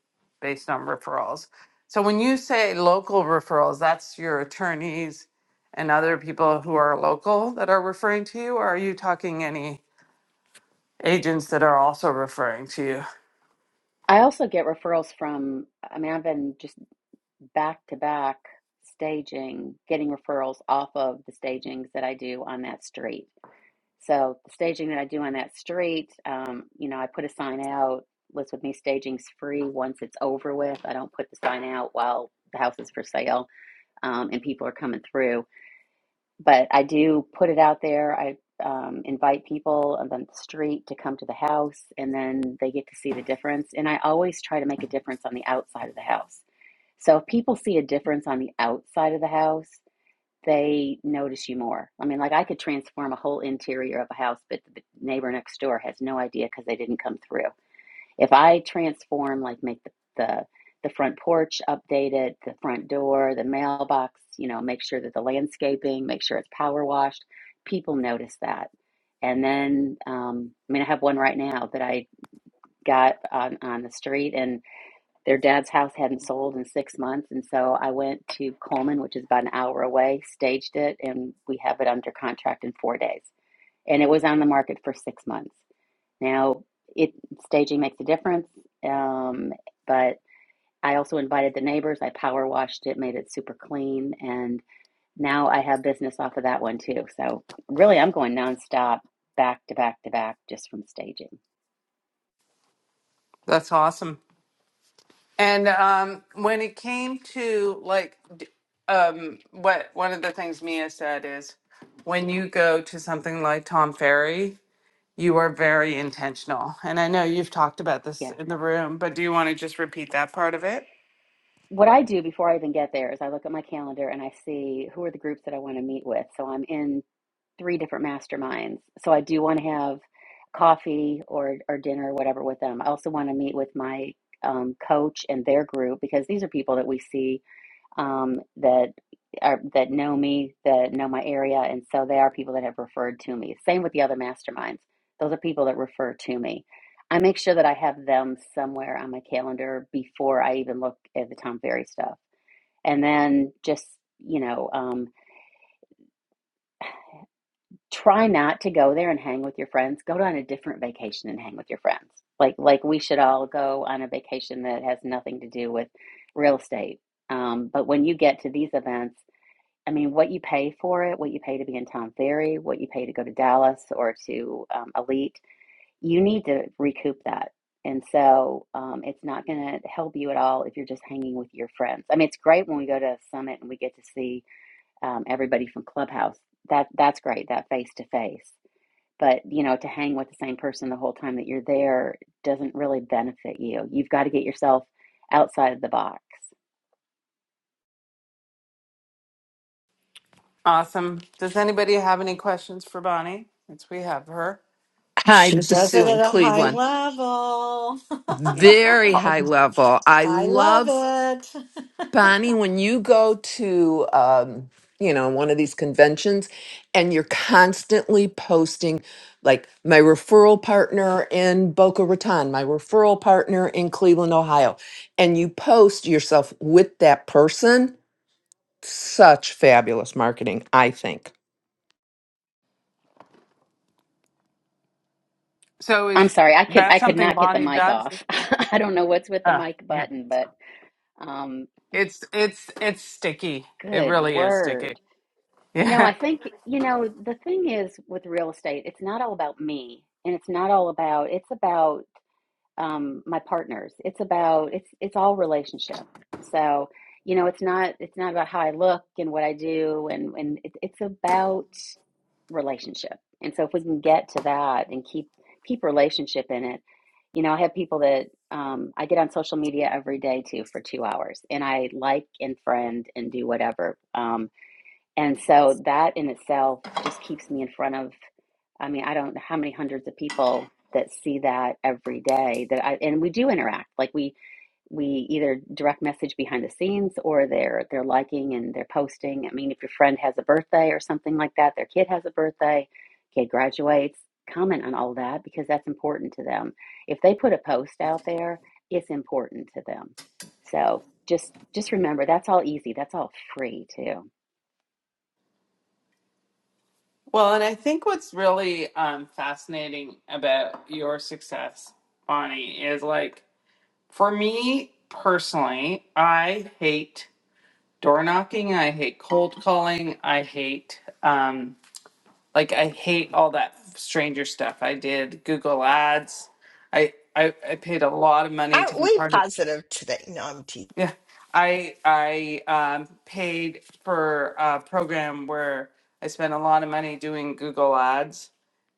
B: based on referrals. So when you say local referrals, that's your attorneys and other people who are local that are referring to you, or are you talking any agents that are also referring to you?
H: I also get referrals from, I mean, I've been just back to back staging, getting referrals off of the stagings that I do on that street. So the staging that I do on that street, um, you know, I put a sign out, list with me staging's free once it's over with. I don't put the sign out while the house is for sale um, and people are coming through. But I do put it out there. I um, invite people on the street to come to the house and then they get to see the difference. And I always try to make a difference on the outside of the house. So if people see a difference on the outside of the house, they notice you more. I mean, like I could transform a whole interior of a house, but the neighbor next door has no idea because they didn't come through. If I transform, like make the, the the front porch updated, the front door, the mailbox, you know, make sure that the landscaping, make sure it's power washed, people notice that. And then, um, I mean, I have one right now that I got on on the street, and. Their dad's house hadn't sold in six months. And so I went to Coleman, which is about an hour away, staged it, and we have it under contract in four days. And it was on the market for six months. Now, it staging makes a difference, um, but I also invited the neighbors. I power washed it, made it super clean, and now I have business off of that one too. So really, I'm going nonstop, back to back to back, just from staging.
B: That's awesome. And um, when it came to like d- um, what one of the things Mia said is when you go to something like Tom Ferry You are very intentional. And I know you've talked about
H: Yeah.
B: this in the room, but do you want to just repeat that part of it?
H: what I do before I even get there is I look at my calendar and I see who are the groups that I want to meet with. So I'm in three different masterminds. So I do want to have coffee or, or dinner or whatever with them. I also want to meet with my um, coach and their group because these are people that we see um, that are that know me, that know my area, and so they are people that have referred to me. Same with the other masterminds; those are people that refer to me. I make sure that I have them somewhere on my calendar before I even look at the Tom Ferry stuff, and then just you know, um, try not to go there and hang with your friends. Go on a different vacation and hang with your friends. Like like we should all go on a vacation that has nothing to do with real estate. Um, but when you get to these events I mean, what you pay for it, what you pay to be in Tom Ferry, what you pay to go to Dallas or to um, Elite, you need to recoup that. And so um, it's not going to help you at all if you're just hanging with your friends. I mean, it's great when we go to a summit and we get to see um, everybody from Clubhouse. That that's great, that face to face. But you know, to hang with the same person the whole time that you're there doesn't really benefit you. You've got to get yourself outside of the box.
B: Awesome. Does anybody have any questions for Bonnie? Since we have her.
I: Hi,
G: She
I: this is
G: does
I: Sue
G: it
I: in
G: at a high
I: Cleveland.
G: level.
B: Yeah.
I: Very high level. I
G: I love
I: love
G: it.
I: Bonnie when you go to um, you know, one of these conventions and you're constantly posting like my referral partner in Boca Raton, my referral partner in Cleveland, Ohio, and you post yourself with that person. Such fabulous marketing, I think.
B: So
H: I'm
B: is
H: sorry, I could
B: that
H: I could
B: something
H: not get the
B: Bonnie
H: mic
B: does?
H: off. I don't know what's with the
B: Uh,
H: mic
B: yeah.
H: button, but um,
B: It's it's it's sticky. It
H: good
B: really is sticky.
H: word. No, I
B: Yeah.
H: think you know the thing is with real estate, it's not all about me, and it's not all about. It's about um, my partners. It's about it's it's all relationship. So you know, it's not it's not about how I look and what I do, and and it, it's about relationship. And so if we can get to that and keep keep relationship in it, you know, I have people that um, I get on social media every day too for two hours, and I like and friend and do whatever. Um, and so that in itself just keeps me in front of. I mean, I don't know how many hundreds of people that see that every day that I and we do interact. Like we we either direct message behind the scenes or they're they're liking and they're posting. I mean, if your friend has a birthday or something like that, their kid has a birthday, kid graduates, comment on all that because that's important to them. If they put a post out there, it's important to them. So just just remember that's all easy. That's all free too.
B: Well, and I think what's really um, fascinating about your success, Bonnie, is like for me personally, I hate door knocking. I hate cold calling. I hate um like I hate all that stranger stuff. I did Google Ads. I I, I paid a lot of money to
D: Aren't
B: be
D: we
B: part of
D: positive today? No, I'm teasing.
B: yeah. I I um, paid for a program where I spent a lot of money doing Google Ads,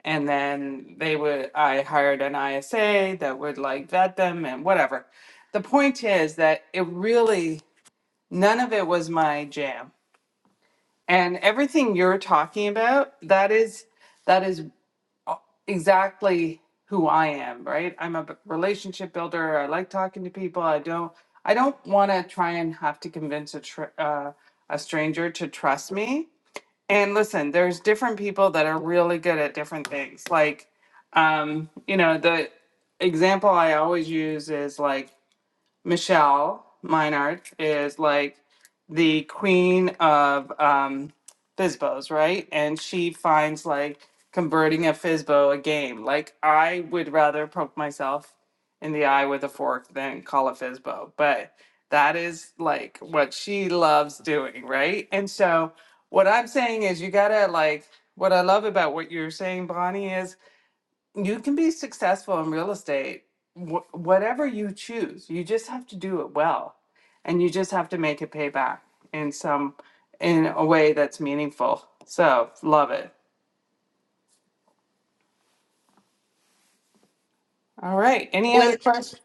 B: and then they would I hired an ISA that would like vet them and whatever. The point is that it really none of it was my jam And everything you're talking about, that is that is uh, exactly who I am, right? I'm a b- relationship builder. I like talking to people. I don't I don't want to try and have to convince a tr- uh, a stranger to trust me. And listen, there's different people that are really good at different things. Like um, you know, the example I always use is like Michelle Meinert is like the queen of um Fizbos, right? And she finds like converting a Fizbo a game. Like I would rather poke myself in the eye with a fork than call a Fizbo. But that is like what she loves doing, right? And so what I'm saying is you gotta like what I love about what you're saying, Bonnie, is you can be successful in real estate wh- whatever you choose you just have to do it well and you just have to make it pay back in some in a way that's meaningful so love it all right any
D: When
B: other questions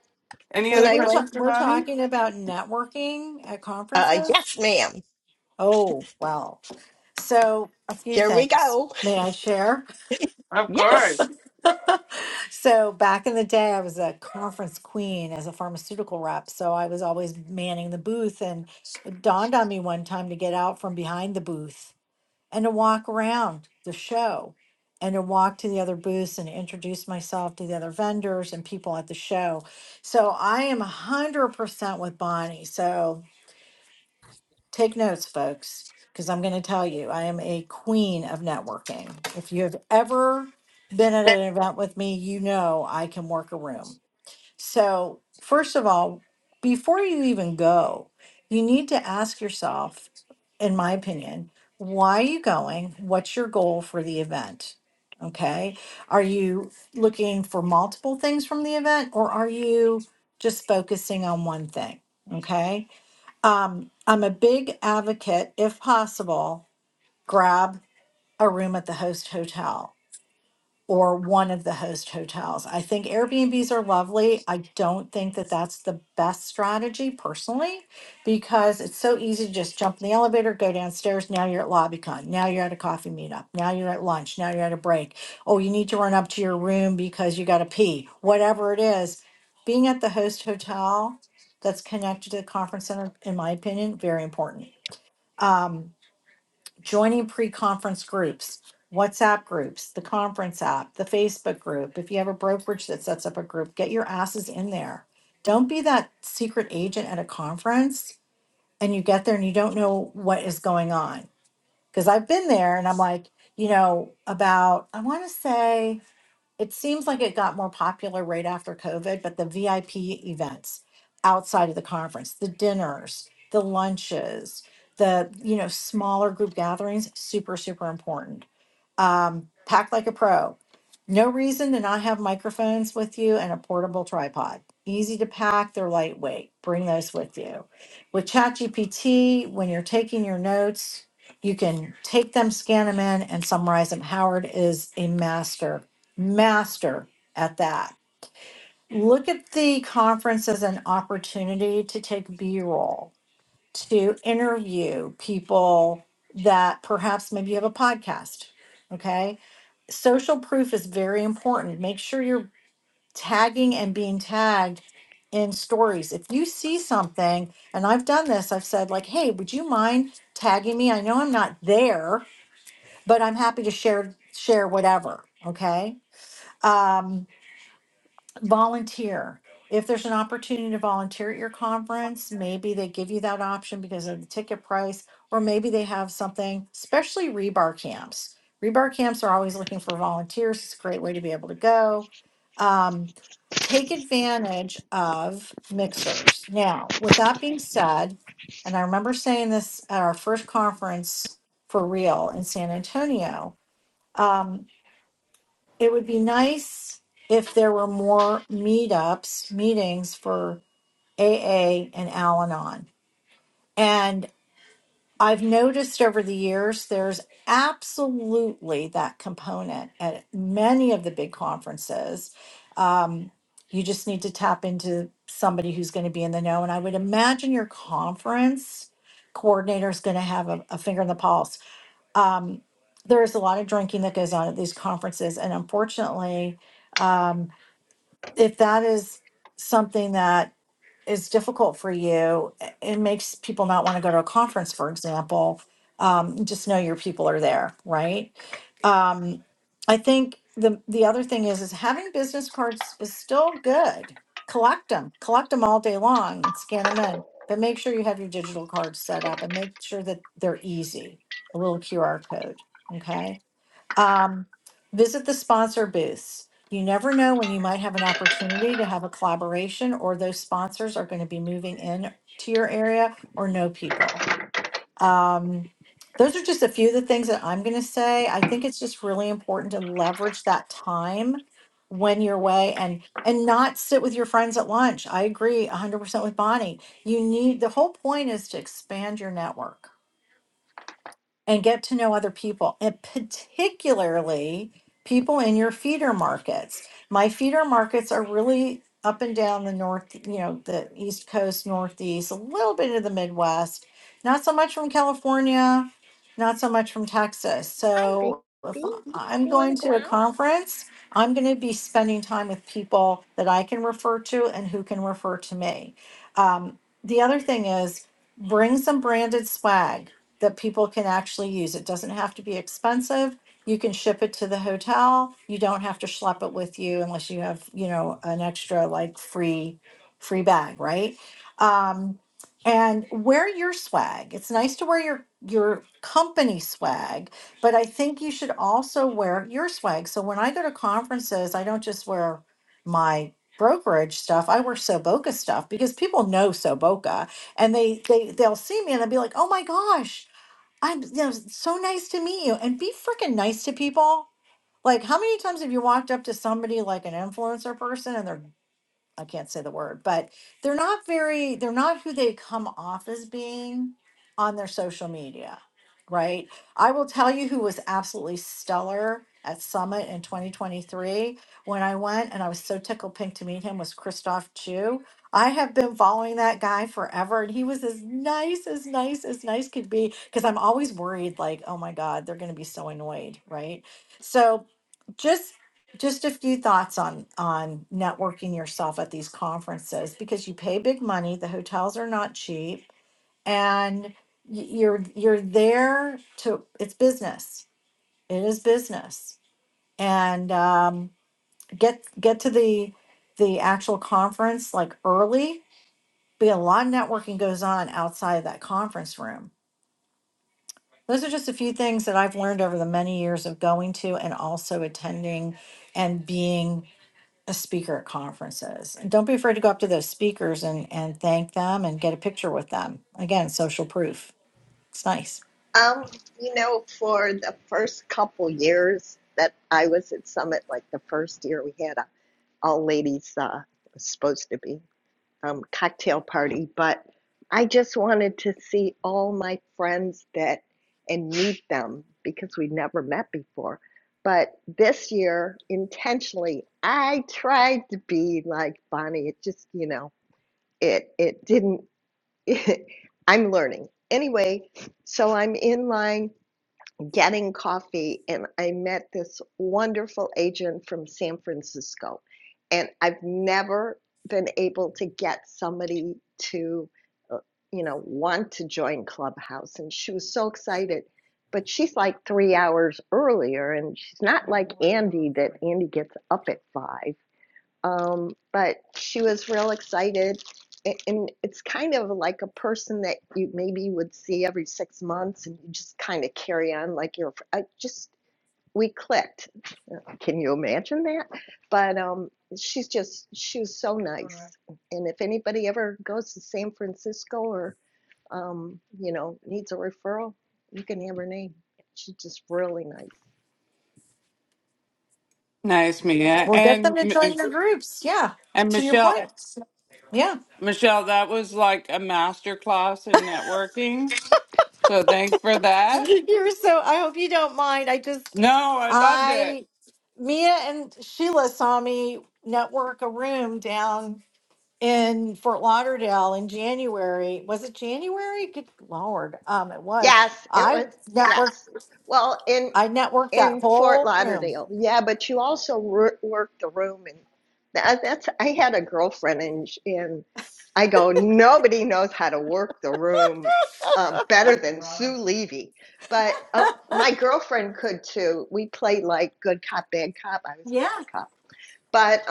B: any
G: So
D: when
B: other
D: I
G: we're
D: went,
G: ta-
B: questions for
G: we're talking about networking at
D: uh,
G: conferences.
D: yes, ma'am.
G: Oh well. So a few
D: Here we
G: things.
D: go.
G: May I share?
B: of
D: Yes.
B: course
G: So back in the day, I was a conference queen as a pharmaceutical rep. So I was always manning the booth, and it dawned on me one time to get out from behind the booth and to walk around the show and to walk to the other booths and introduce myself to the other vendors and people at the show. So I am 100% with Bonnie. So take notes, folks, because I'm going to tell you, I am a queen of networking. If you have ever been at an event with me, you know I can work a room. So, first of all, before you even go, you need to ask yourself, in my opinion, why are you going? What's your goal for the event? Okay. Are you looking for multiple things from the event or are you just focusing on one thing? Okay. Um, I'm a big advocate, if possible, grab a room at the host hotel or one of the host hotels. I think Airbnbs are lovely. I don't think that that's the best strategy personally because it's so easy to just jump in the elevator, go downstairs. Now you're at LobbyCon. Now you're at a coffee meetup. Now you're at lunch. Now you're at a break. Oh, you need to run up to your room because you got to pee. Whatever it is, being at the host hotel that's connected to the conference center, in my opinion, very important. Um, joining pre-conference groups, WhatsApp groups, the conference app, the Facebook group. If you have a brokerage that sets up a group, get your asses in there. Don't be that secret agent at a conference and you get there and you don't know what is going on. Because I've been there and I'm like, you know, about, I want to say, it seems like it got more popular right after COVID, but the VIP events outside of the conference, the dinners, the lunches, the you know smaller group gatherings, super super important um, pack like a pro. No reason to not have microphones with you and a portable tripod. Easy to pack, they're lightweight. Bring those with you. With ChatGPT, when you're taking your notes, you can take them, scan them in, and summarize them. Howard is a master, master at that. Look at the conference as an opportunity to take B roll, to interview people that perhaps maybe you have a podcast. Okay social proof is very important. Make sure you're tagging and being tagged in stories. If you see something, and I've done this, I've said like, "Hey, would you mind tagging me? I know I'm not there, but I'm happy to share share whatever." Okay. Um, volunteer. If there's an opportunity to volunteer at your conference, maybe they give you that option because of the ticket price, or maybe they have something, especially rebar camps. Rebar camps are always looking for volunteers. It's a great way to be able to go. Um, take advantage of mixers. Now, with that being said, and I remember saying this at our first conference for real in San Antonio. um, it would be nice if there were more meetups, meetings for AA and Al Anon. And I've noticed over the years there's absolutely that component at many of the big conferences. Um, you just need to tap into somebody who's going to be in the know. And I would imagine your conference coordinator is going to have a, a finger in the pulse. Um, there is a lot of drinking that goes on at these conferences. And unfortunately, um, if that is something that is difficult for you, it makes people not want to go to a conference, for example. Um, just know your people are there, right? Um, I think the the other thing is is having business cards is still good. Collect them, collect them all day long, and scan them in. But make sure you have your digital cards set up, and make sure that they're easy. A little QR code, okay? Um, visit the sponsor booths. You never know when you might have an opportunity to have a collaboration or those sponsors are going to be moving in to your area or know people. Um, those are just a few of the things that I'm going to say. I think it's just really important to leverage that time when you're away and and not sit with your friends at lunch. I agree 100% with Bonnie. You need the whole point is to expand your network and get to know other people, and particularly people in your feeder markets. My feeder markets are really up and down the north, you know, the East Coast, Northeast, a little bit of the Midwest, not so much from California, not so much from Texas.
D: Hi, baby.
G: So if I'm
D: You want
G: going
D: to go
G: to a
D: out?
G: conference, I'm going to be spending time with people that I can refer to and who can refer to me. Um, the other thing is bring some branded swag that people can actually use. It doesn't have to be expensive. You can ship it to the hotel. You don't have to schlep it with you unless you have, you know, an extra like free free bag, right? Um and wear your swag. It's nice to wear your your company swag, but I think you should also wear your swag. So when I go to conferences, I don't just wear my brokerage stuff. I wear Soboka stuff because people know Soboka and they they they'll see me and they'll be like, "Oh my gosh, I'm, you know, so nice to meet you. And be freaking nice to people. Like, how many times have you walked up to somebody like an influencer person and they're I can't say the word, but they're not very, they're not who they come off as being on their social media, right? I will tell you who was absolutely stellar at Summit in 2023 when I went and I was so tickled pink to meet him was Christoph Chu. I have been following that guy forever and he was as nice as nice as nice could be because I'm always worried like, oh my God, they're going to be so annoyed, right? So, just just a few thoughts on on networking yourself at these conferences because you pay big money the hotels are not cheap and y- you're you're there to it's business it is business and um, get get to the the actual conference like early be a lot of networking goes on outside of that conference room those are just a few things that i've learned over the many years of going to and also attending and being a speaker at conferences. And don't be afraid to go up to those speakers and, and thank them and get a picture with them. Again, social proof. It's nice.
D: Um, you know, for the first couple years that I was at Summit, like the first year we had a all ladies uh it was supposed to be um cocktail party, but I just wanted to see all my friends that and meet them because we never met before. But this year, intentionally, I tried to be like Bonnie. It just, you know, it it didn't. I'm learning. Anyway, so I'm in line getting coffee, and I met this wonderful agent from San Francisco. And I've never been able to get somebody to, uh, you know, want to join Clubhouse. And she was so excited. But she's like three hours earlier, and she's not like Andy that Andy gets up at five. Um, but she was real excited. And it's kind of like a person that you maybe would see every six months and you just kind of carry on like you're, I just, we clicked. Can you imagine that? But um, she's just, she was so nice. And if anybody ever goes to San Francisco or, um, you know, needs a referral, you can have her name. She's just really nice.
B: nice mia
G: Well, get
B: and
G: them to
B: M-
G: join your groups. Yeah.
B: and
G: To your
B: michelle
G: point. Yeah.
B: michelle that was like a master class in networking so thanks for that
G: You're so, I hope you don't mind. I just,
B: no i loved it
G: I, Mia and Sheila saw me network a room down in Fort Lauderdale in January. Was it January? Good Lord. Um, it was.
D: Yes, it was,
G: I networked,
D: yes. Well, and
G: I networked that
D: in Fort
G: whole room.
D: Lauderdale. Yeah, but you also work the room, and that, that's. I had a girlfriend, and and I go, nobody knows how to work the room uh, better than Sue Levy. But uh, my girlfriend could too. We played like good cop, bad cop. I was a
G: Yeah.
D: bad cop, but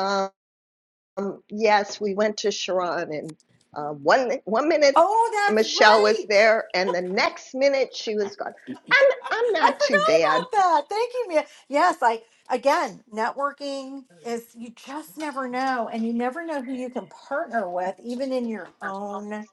D: um, yes, we went to Sharon, and uh, one one minute
G: Oh, that's
D: Michelle was
G: right.
D: there, and the next minute she was gone. I'm I'm
G: I
D: not too
G: forgot
D: bad
G: about that. Thank you, Mia. Yes, I again, networking is you just never know and you never know who you can partner with even in your own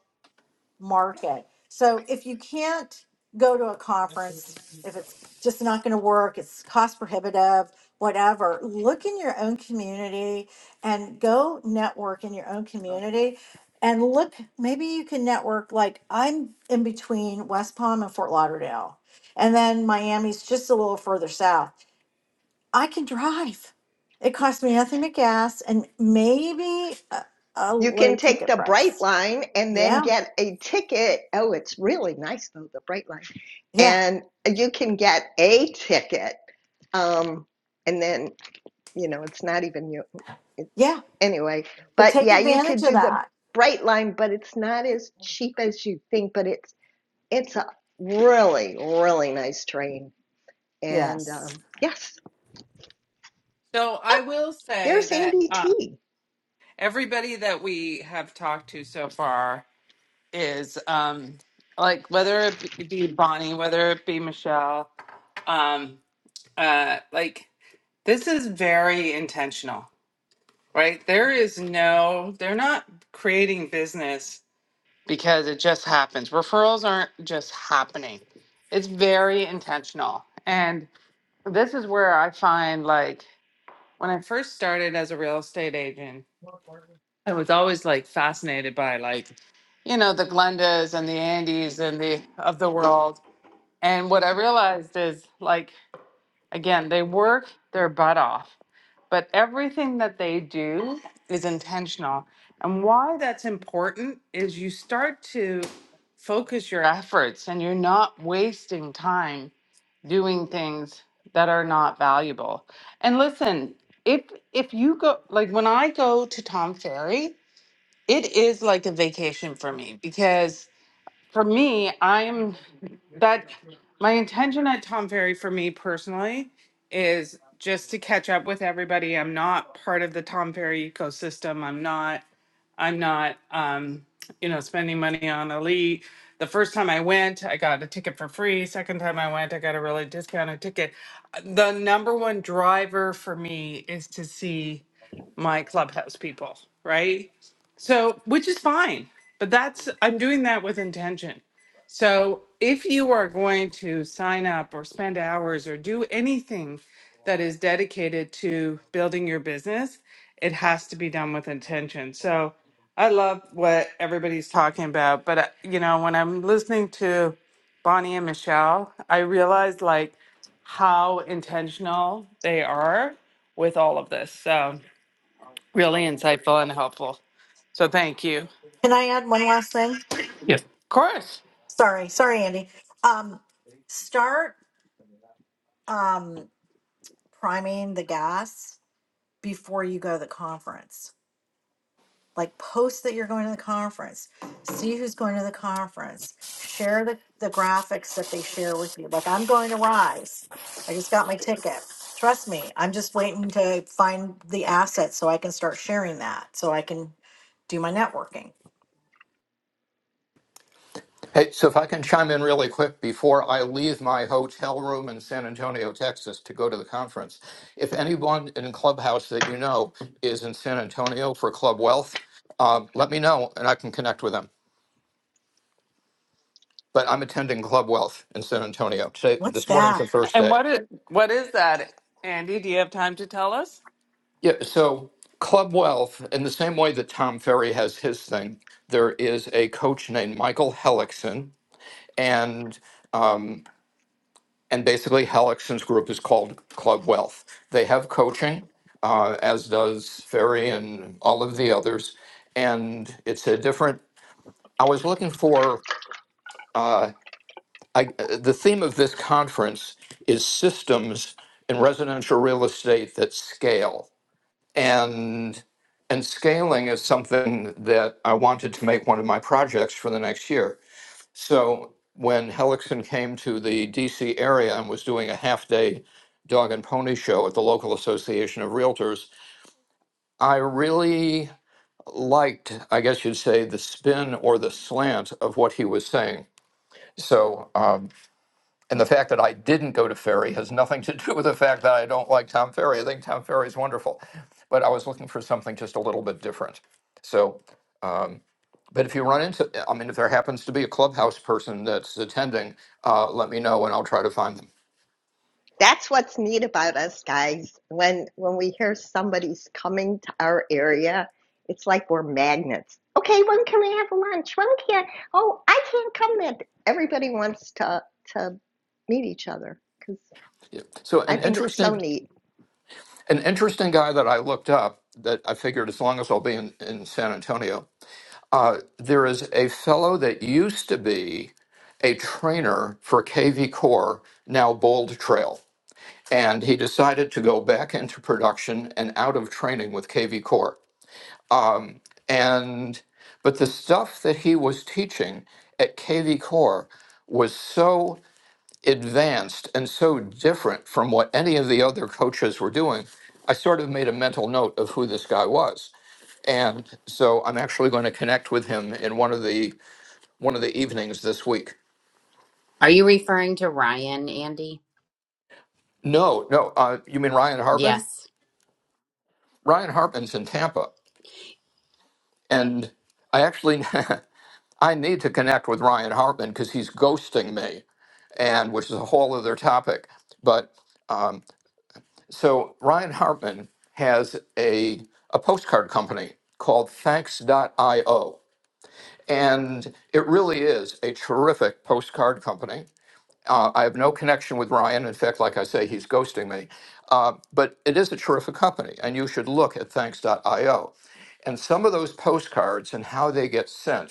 G: market. So if you can't go to a conference, if it's just not going to work, it's cost prohibitive, whatever, look in your own community and go network in your own community. And look, maybe you can network like I'm in between West Palm and Fort Lauderdale, and then Miami's just a little further south. I can drive. It costs me nothing but gas and maybe a, a
D: You
G: low
D: can take
G: ticket
D: the Bright
G: price.
D: Line and then
G: Yeah,
D: get a ticket. Oh, it's really nice though, the Bright Line.
G: yeah,
D: And you can get a ticket. Um, and then, you know, it's not even you. It,
G: yeah.
D: anyway,
G: But
D: but
G: take
D: yeah, you
G: advantage
D: could
G: of
D: do the
G: that.
D: Bright Line, but it's not as cheap as you think, but it's it's a really, really nice train. And um,
G: Yes.
D: yes,
B: so
D: oh,
B: i will say
D: there's Andy
B: that
D: T.
B: everybody that we have talked to so far is um like whether it be Bonnie, whether it be Michelle, um uh like this is very intentional, right? There is no they're not creating business because it just happens. Referrals aren't just happening. It's very intentional. And this is where I find like when I first started as a real estate agent I was always like fascinated by like, you know, the Glendas and the Andes and the of the world. And what I realized is like again, they work their butt off, but everything that they do is intentional. And why that's important is you start to focus your efforts and you're not wasting time doing things that are not valuable. And listen, if if you go like when I go to Tom Ferry, it is like a vacation for me because for me, I'm that my intention at Tom Ferry for me personally is just to catch up with everybody. I'm not part of the Tom Ferry ecosystem. I'm not I'm not um, you know, spending money on elite. The first time I went, I got a ticket for free. Second time I went, I got a really discounted ticket. The number one driver for me is to see my clubhouse people, right? So, which is fine, but that's I'm doing that with intention so if you are going to sign up or spend hours or do anything that is dedicated to building your business, it has to be done with intention. So I love what everybody's talking about, but uh, you know, when I'm listening to Bonnie and Michelle, I realize like how intentional they are with all of this. So really insightful and helpful. So thank you. Of
G: Can I add one last thing?
J: Yes.
B: course.
G: Sorry, sorry, Andy. Um, start um, priming the gas before you go to the conference. Like, post that you're going to the conference. See who's going to the conference. Share the, the graphics that they share with you. Like, I'm going to Rise. I just got my ticket. Trust me, I'm just waiting to find the asset so I can start sharing that so I can do my networking.
J: Hey, so if I can chime in really quick before I leave my hotel room in San Antonio, Texas to go to the conference. If anyone in Clubhouse that you know is in San Antonio for Club Wealth, um, let me know and I can connect with them. But I'm attending Club Wealth in San Antonio. Today,
G: What's
J: this morning's
G: that?
J: the first
B: And
J: day.
B: what is what is that, Andy? Do you have time to tell us?
J: Yeah, so Club Wealth, in the same way that Tom Ferry has his thing, there is a coach named Michael Hellickson. And um, and basically Hellickson's group is called Club Wealth. They have coaching, uh, as does Ferry and all of the others, and it's a different. I was looking for uh, I, uh, the theme of this conference is systems in residential real estate that scale, and and scaling is something that I wanted to make one of my projects for the next year so when Hellickson came to the DC area and was doing a half day dog and pony show at the local association of realtors, I really liked, I guess you'd say, the spin or the slant of what he was saying. So, um, and the fact that I didn't go to Ferry has nothing to do with the fact that I don't like Tom Ferry. I think Tom Ferry is wonderful, but I was looking for something just a little bit different. So, um, but if you run into, I mean, if there happens to be a clubhouse person that's attending, uh, let me know and I'll try to find them.
D: That's what's neat about us guys. When when we hear somebody's coming to our area, it's like we're magnets. Okay, when can we have lunch? When can oh I can't come then. Everybody wants to to meet each other because
J: Yeah. So
D: I
J: an
D: think it's so
J: interesting,
D: neat.
J: an interesting guy that I looked up that I figured as long as I'll be in, in San Antonio, uh, there is a fellow that used to be a trainer for KV Core, now Bold Trail, and he decided to go back into production and out of training with KV Core. and but the stuff that he was teaching at KV Core was so advanced and so different from what any of the other coaches were doing. I sort of made a mental note of who this guy was. And so I'm actually going to connect with him in one of the one of the evenings this week.
E: Are you referring to Ryan, Andy?
J: No, no, uh, you mean Ryan Hartman?
E: Yes.
J: Ryan Hartman's in Tampa, and I actually I need to connect with Ryan Hartman because he's ghosting me and which is a whole other topic. But um, so Ryan Hartman has a, a postcard company called thanks.io. And it really is a terrific postcard company. Uh, I have no connection with Ryan. In fact, like I say, he's ghosting me. Uh, but it is a terrific company, and you should look at thanks.io. And some of those postcards and how they get sent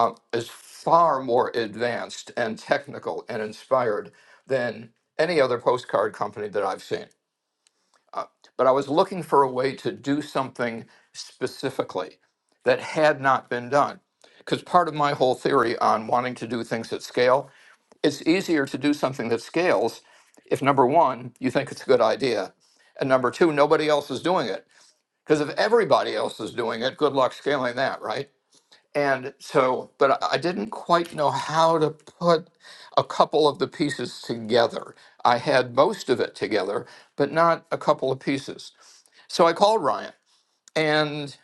J: um, is far more advanced and technical and inspired than any other postcard company that I've seen. But I was looking for a way to do something specifically that had not been done. Because part of my whole theory on wanting to do things at scale, it's easier to do something that scales if number one, you think it's a good idea, and number two, nobody else is doing it. Because if everybody else is doing it, good luck scaling that, right? And so, but I I didn't quite know how to put a couple of the pieces together. I had most of it together, but not a couple of pieces. So I called Ryan and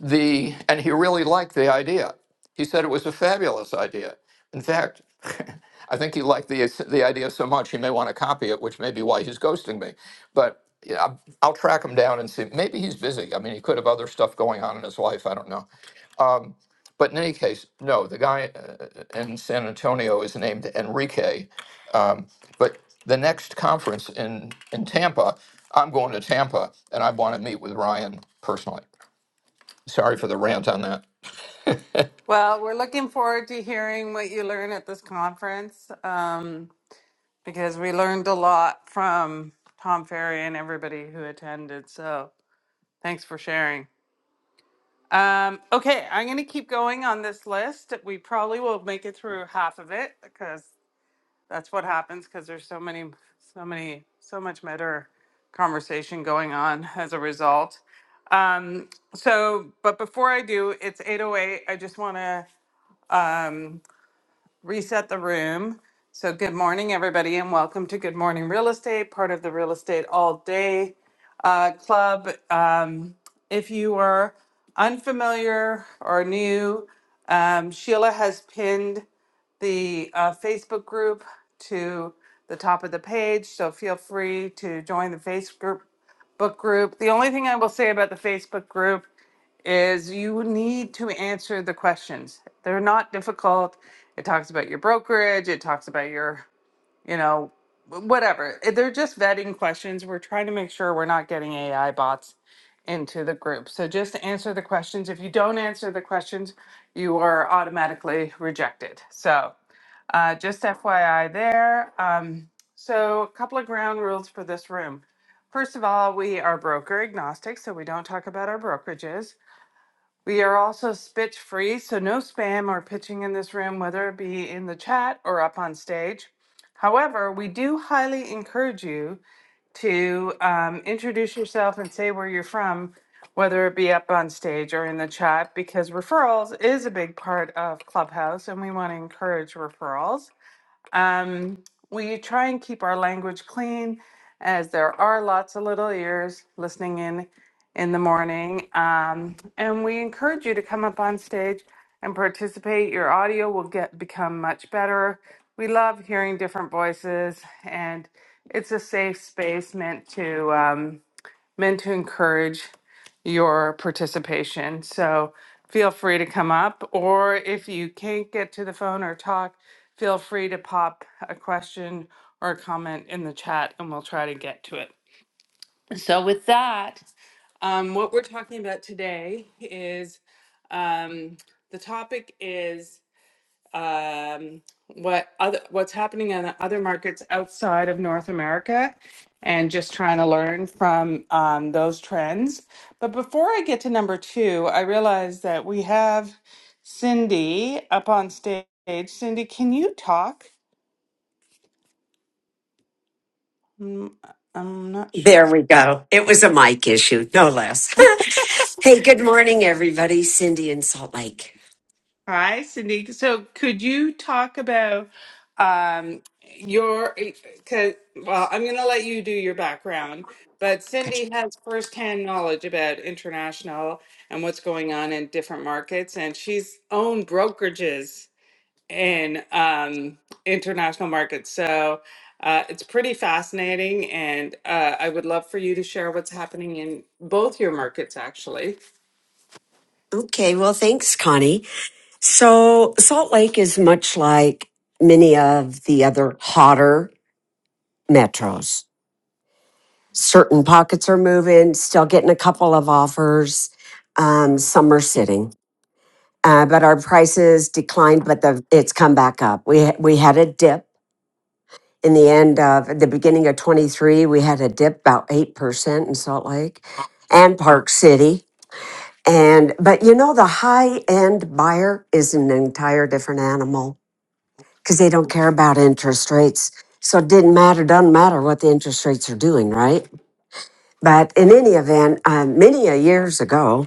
J: the and he really liked the idea. He said it was a fabulous idea. In fact, I think he liked the the idea so much he may want to copy it, which may be why he's ghosting me. But yeah, I'll I'll track him down and see. Maybe he's busy. I mean, he could have other stuff going on in his life. I don't know. But in any case, no, the guy uh, uh, in San Antonio is named Enrique. Um, but the next conference in, in Tampa, I'm going to Tampa and I want to meet with Ryan personally. Sorry for the rant on that.
B: Well, we're looking forward to hearing what you learn at this conference um, because we learned a lot from Tom Ferry and everybody who attended. So thanks for sharing. Um, okay, I'm going to keep going on this list. We probably will make it through half of it because that's what happens because there's so many so many so much meta conversation going on as a result um so but before i do it's 808 i just want to um reset the room. So, good morning, everybody, and welcome to Good Morning Real Estate, part of the Real Estate All Day uh, Club. Um, if you are unfamiliar or new, um, Sheila has pinned the uh, Facebook group to the top of the page, so feel free to join the Facebook group. Book group. The only thing I will say about the Facebook group is you need to answer the questions. They're not difficult. It talks about your brokerage, it talks about your, you know, wh- whatever. Eh, They're just vetting questions. We're trying to make sure we're not getting AI bots into the group. So just answer the questions. If you don't answer the questions, you are automatically rejected. So uh, just FYI there. Um, so a couple of ground rules for this room. First of all, we are broker agnostic, so we don't talk about our brokerages. We are also spitch free, so no spam or pitching in this room, whether it be in the chat or up on stage. However, we do highly encourage you to um, introduce yourself and say where you're from, whether it be up on stage or in the chat, because referrals is a big part of Clubhouse and we want to encourage referrals. Um, we try and keep our language clean as there are lots of little ears listening in in the morning. Um, and we encourage you to come up on stage and participate. Your audio will get become much better. We love hearing different voices and it's a safe space meant to um, meant to encourage your participation. So feel free to come up, or if you can't get to the phone or talk, feel free to pop a question or a comment in the chat and we'll try to get to it. So, with that, um, what we're talking about today is um, the topic is um, what other what's happening in other markets outside of North America, and just trying to learn from um, those trends. But before I get to number two, I realize that we have Cindy up on stage. Cindy, can you talk? Mm, I'm not sure.
K: There we go. It was a mic issue, no less. hey, good morning, everybody. Cindy in Salt Lake.
B: Hi, Cindy. So, could you talk about um, your? eh, Cause, well, I'm going to let you do your background, but Cindy has firsthand knowledge about international and what's going on in different markets, and she's owned brokerages in um, international markets. So, uh, it's pretty fascinating, and uh, I would love for you to share what's happening in both your markets, actually.
K: Okay, well, thanks, Connie. So, Salt Lake is much like many of the other hotter metros. Certain pockets are moving, still getting a couple of offers. Um, some are sitting, uh, but our prices declined, but the, it's come back up. We we had a dip in the end of at the beginning of 23 we had a dip about 8% in salt lake and park city and but you know the high end buyer is an entire different animal because they don't care about interest rates so it didn't matter doesn't matter what the interest rates are doing right but in any event um, many a years ago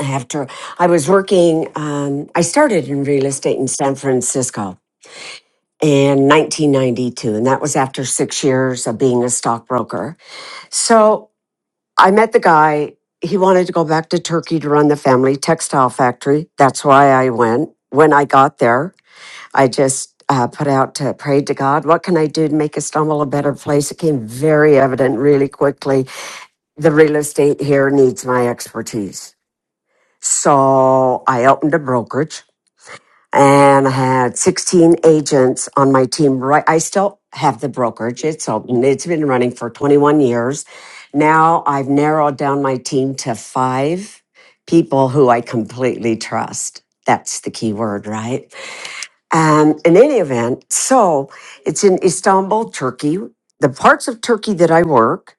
K: after i was working um, i started in real estate in san francisco in 1992 and that was after six years of being a stockbroker So I met the guy. He wanted to go back to Turkey to run the family textile factory. That's why I went. When I got there, I just uh, put out to prayed to God, what can I do to make Istanbul a better place? It came very evident really quickly. The real estate here needs my expertise. So I opened a brokerage and I had 16 agents on my team. Right, I still have the brokerage. It's open. It's been running for 21 years. Now I've narrowed down my team to five people who I completely trust. That's the key word, right? And in any event, so it's in Istanbul, Turkey. The parts of Turkey that I work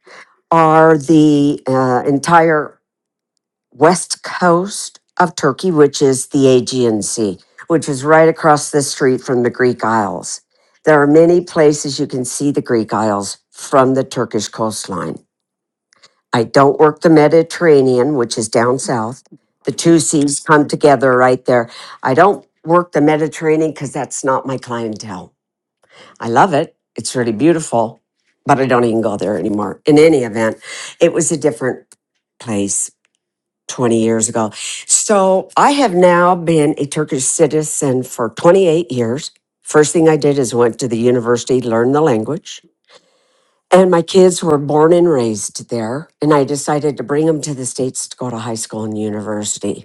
K: are the uh, entire west coast of Turkey, which is the Aegean Sea, which is right across the street from the Greek Isles. There are many places you can see the Greek Isles from the Turkish coastline. I don't work the Mediterranean, which is down south. The two seas come together right there. I don't work the Mediterranean because that's not my clientele. I love it. It's really beautiful, but I don't even go there anymore. In any event, it was a different place 20 years ago. So I have now been a Turkish citizen for 28 years. First thing I did is went to the university, learned the language. And my kids were born and raised there. And I decided to bring them to the States to go to high school and university.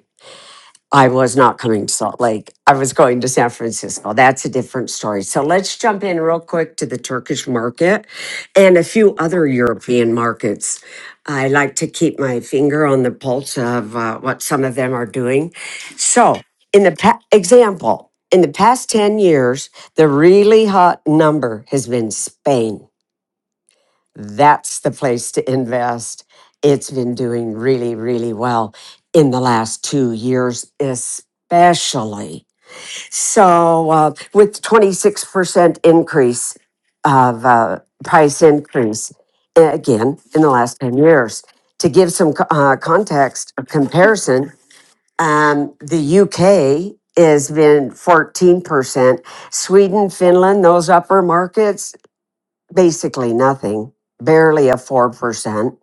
K: I was not coming to Salt Lake. I was going to San Francisco. That's a different story. So let's jump in real quick to the Turkish market and a few other European markets. I like to keep my finger on the pulse of uh, what some of them are doing. So, in the pa- example, in the past 10 years, the really hot number has been Spain that's the place to invest. It's been doing really, really well in the last two years, especially. So, uh, with 26% increase of uh, price increase, uh, again, in the last 10 years. To give some co- uh, context, a comparison, um, the UK has been 14%, Sweden, Finland, those upper markets, basically nothing, barely a 4%.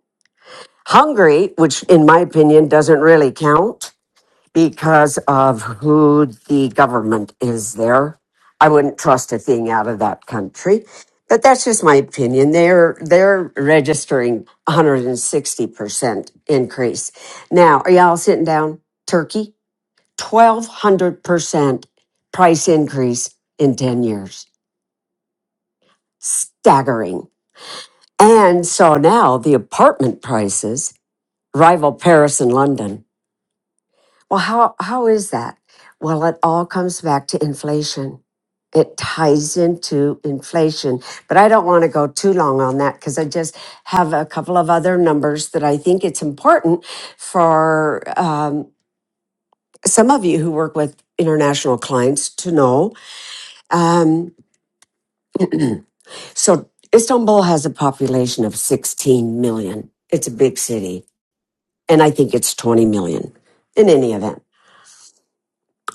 K: Hungary, which in my opinion doesn't really count because of who the government is there. I wouldn't trust a thing out of that country. But that's just my opinion. They're they're registering 160% increase. Now, are y'all sitting down? Turkey, 1200% price increase in 10 years. Staggering. And so now the apartment prices rival Paris and London. Well, how, how is that? Well, it all comes back to inflation. It ties into inflation. But I don't want to go too long on that because I just have a couple of other numbers that I think it's important for um, some of you who work with international clients to know. Um, so Istanbul has a population of 16 million. It's a big city. and I think it's 20 million in any event.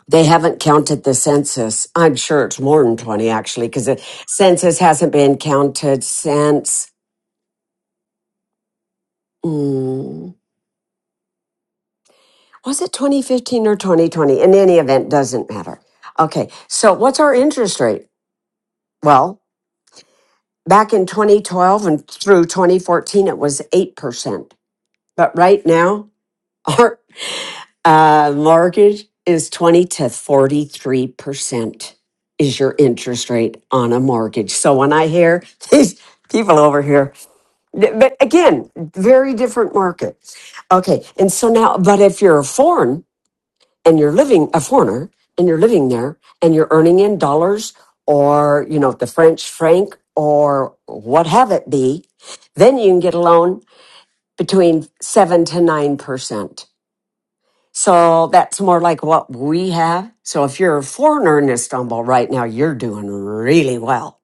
K: They haven't counted the census. I'm sure it's more than 20 actually, because the census hasn't been counted since, mm, was it 2015 or 2020? In any event, doesn't matter. Okay, so what's our interest rate? Well, back in 2012 and through 2014, it was 8%. But right now, Our uh, mortgage is 20 to 43% is your interest rate on a mortgage. So when I hear these people over here, but again, very different market. Okay. And so now, but if you're a foreign and you're living, a foreigner and you're living there and you're earning in dollars or, you know, the French franc or what have it be, then you can get a loan between seven to 9%. So that's more like what we have. So if you're a foreigner in Istanbul right now, you're doing really well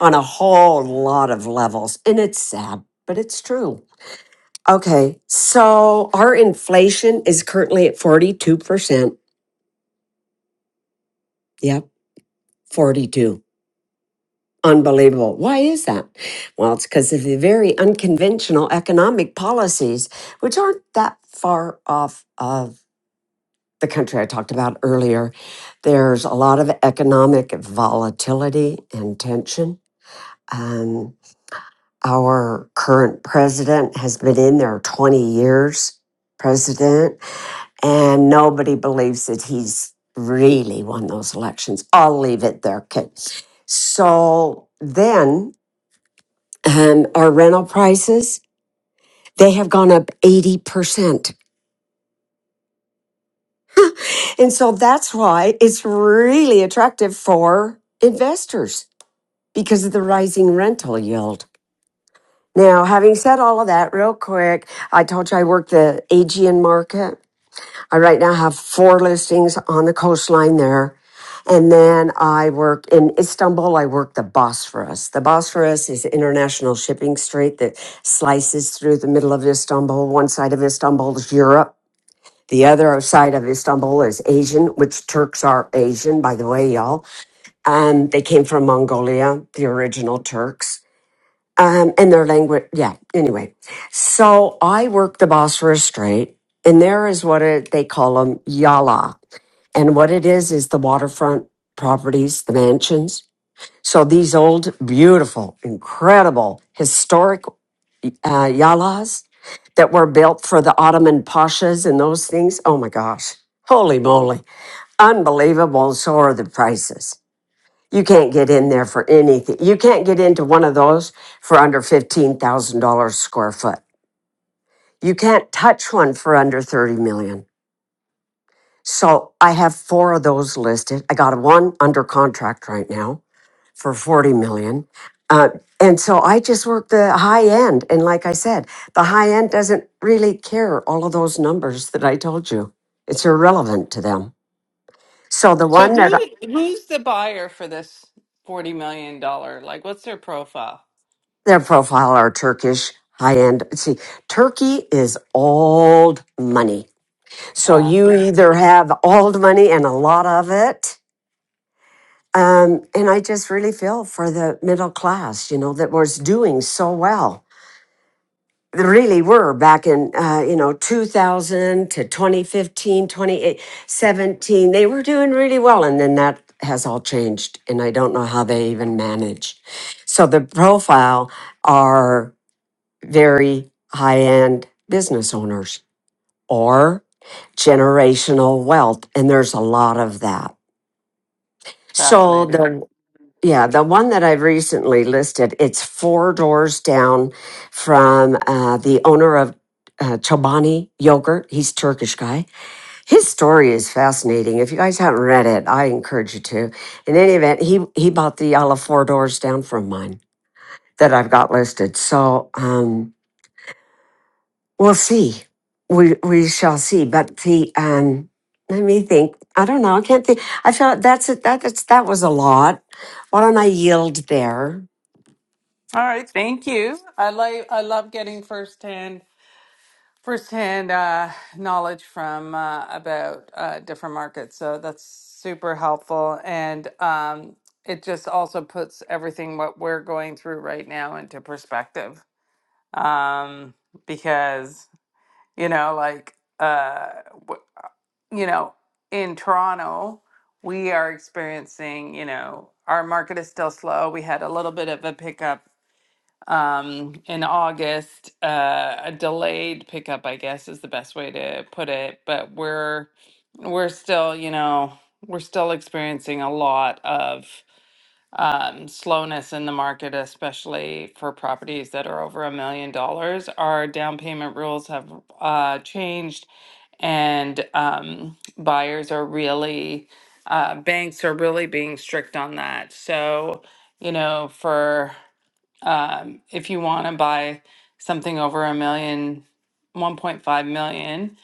K: on a whole lot of levels. And it's sad, but it's true. Okay. So our inflation is currently at 42%. Yep. 42. Unbelievable. Why is that? Well, it's because of the very unconventional economic policies, which aren't that far off of the country I talked about earlier, there's a lot of economic volatility and tension. Um, our current president has been in there 20 years, president, and nobody believes that he's really won those elections. I'll leave it there. Okay. So then um, our rental prices, they have gone up 80%. And so that's why it's really attractive for investors because of the rising rental yield. Now, having said all of that, real quick, I told you I work the Aegean market. I right now have four listings on the coastline there. And then I work in Istanbul, I work the Bosphorus. The Bosphorus is an international shipping street that slices through the middle of Istanbul. One side of Istanbul is Europe. The other side of Istanbul is Asian, which Turks are Asian, by the way, y'all. And they came from Mongolia, the original Turks um, and their language. Yeah. Anyway, so I work the Bosphorus Strait, and there is what it, they call them yala, and what it is is the waterfront properties, the mansions. So these old, beautiful, incredible, historic uh, yalas that were built for the Ottoman pashas and those things. Oh my gosh. Holy moly. Unbelievable. So are the prices. You can't get in there for anything. You can't get into one of those for under $15,000 square foot. You can't touch one for under 30 million. So I have four of those listed. I got one under contract right now for 40 million. Uh, and so I just work the high end. And like I said, the high end doesn't really care all of those numbers that I told you. It's irrelevant to them. So the
B: So
K: one that
B: who who's the buyer for this forty million dollar? Like, what's their profile?
K: Their profile are Turkish high end. See, Turkey is old money. So
B: Ah,
K: you either have old money and a lot of it. Um, and I just really feel for the middle class, you know, that was doing so well. They really were back in, uh, you know, 2000 to 2015, They were doing really well. And then that has all changed. And I don't know how they even manage. So the profile are very high end business owners or generational wealth. And there's a lot of that. So
B: fascinated.
K: the yeah, the one that I've recently listed, it's four doors down from uh, the owner of uh, Chobani Yogurt. He's Turkish guy. His story is fascinating. If you guys haven't read it, I encourage you to. In any event, he he bought the yellow four doors down from mine that I've got listed. So. um We'll see. We we shall see. But the um, let me think. I don't know. I can't think. I felt that's it. That, that's that was a lot. Why don't I yield there?
B: All right, thank you. I like I love getting firsthand firsthand uh, knowledge from uh, about uh, different markets. So that's super helpful, and um, it just also puts everything what we're going through right now into perspective. Um, because you know, like. Uh, you know, in Toronto, we are experiencing, you know, our market is still slow. We had a little bit of a pickup um, in August, uh, a delayed pickup, I guess, is the best way to put it. But we're we're still, you know, we're still experiencing a lot of um, slowness in the market, especially for properties that are over a million dollars. Our down payment rules have uh, changed, and um, buyers are really, uh, banks are really being strict on that. So, you know, for um, if you want to buy something over a million, one point five million,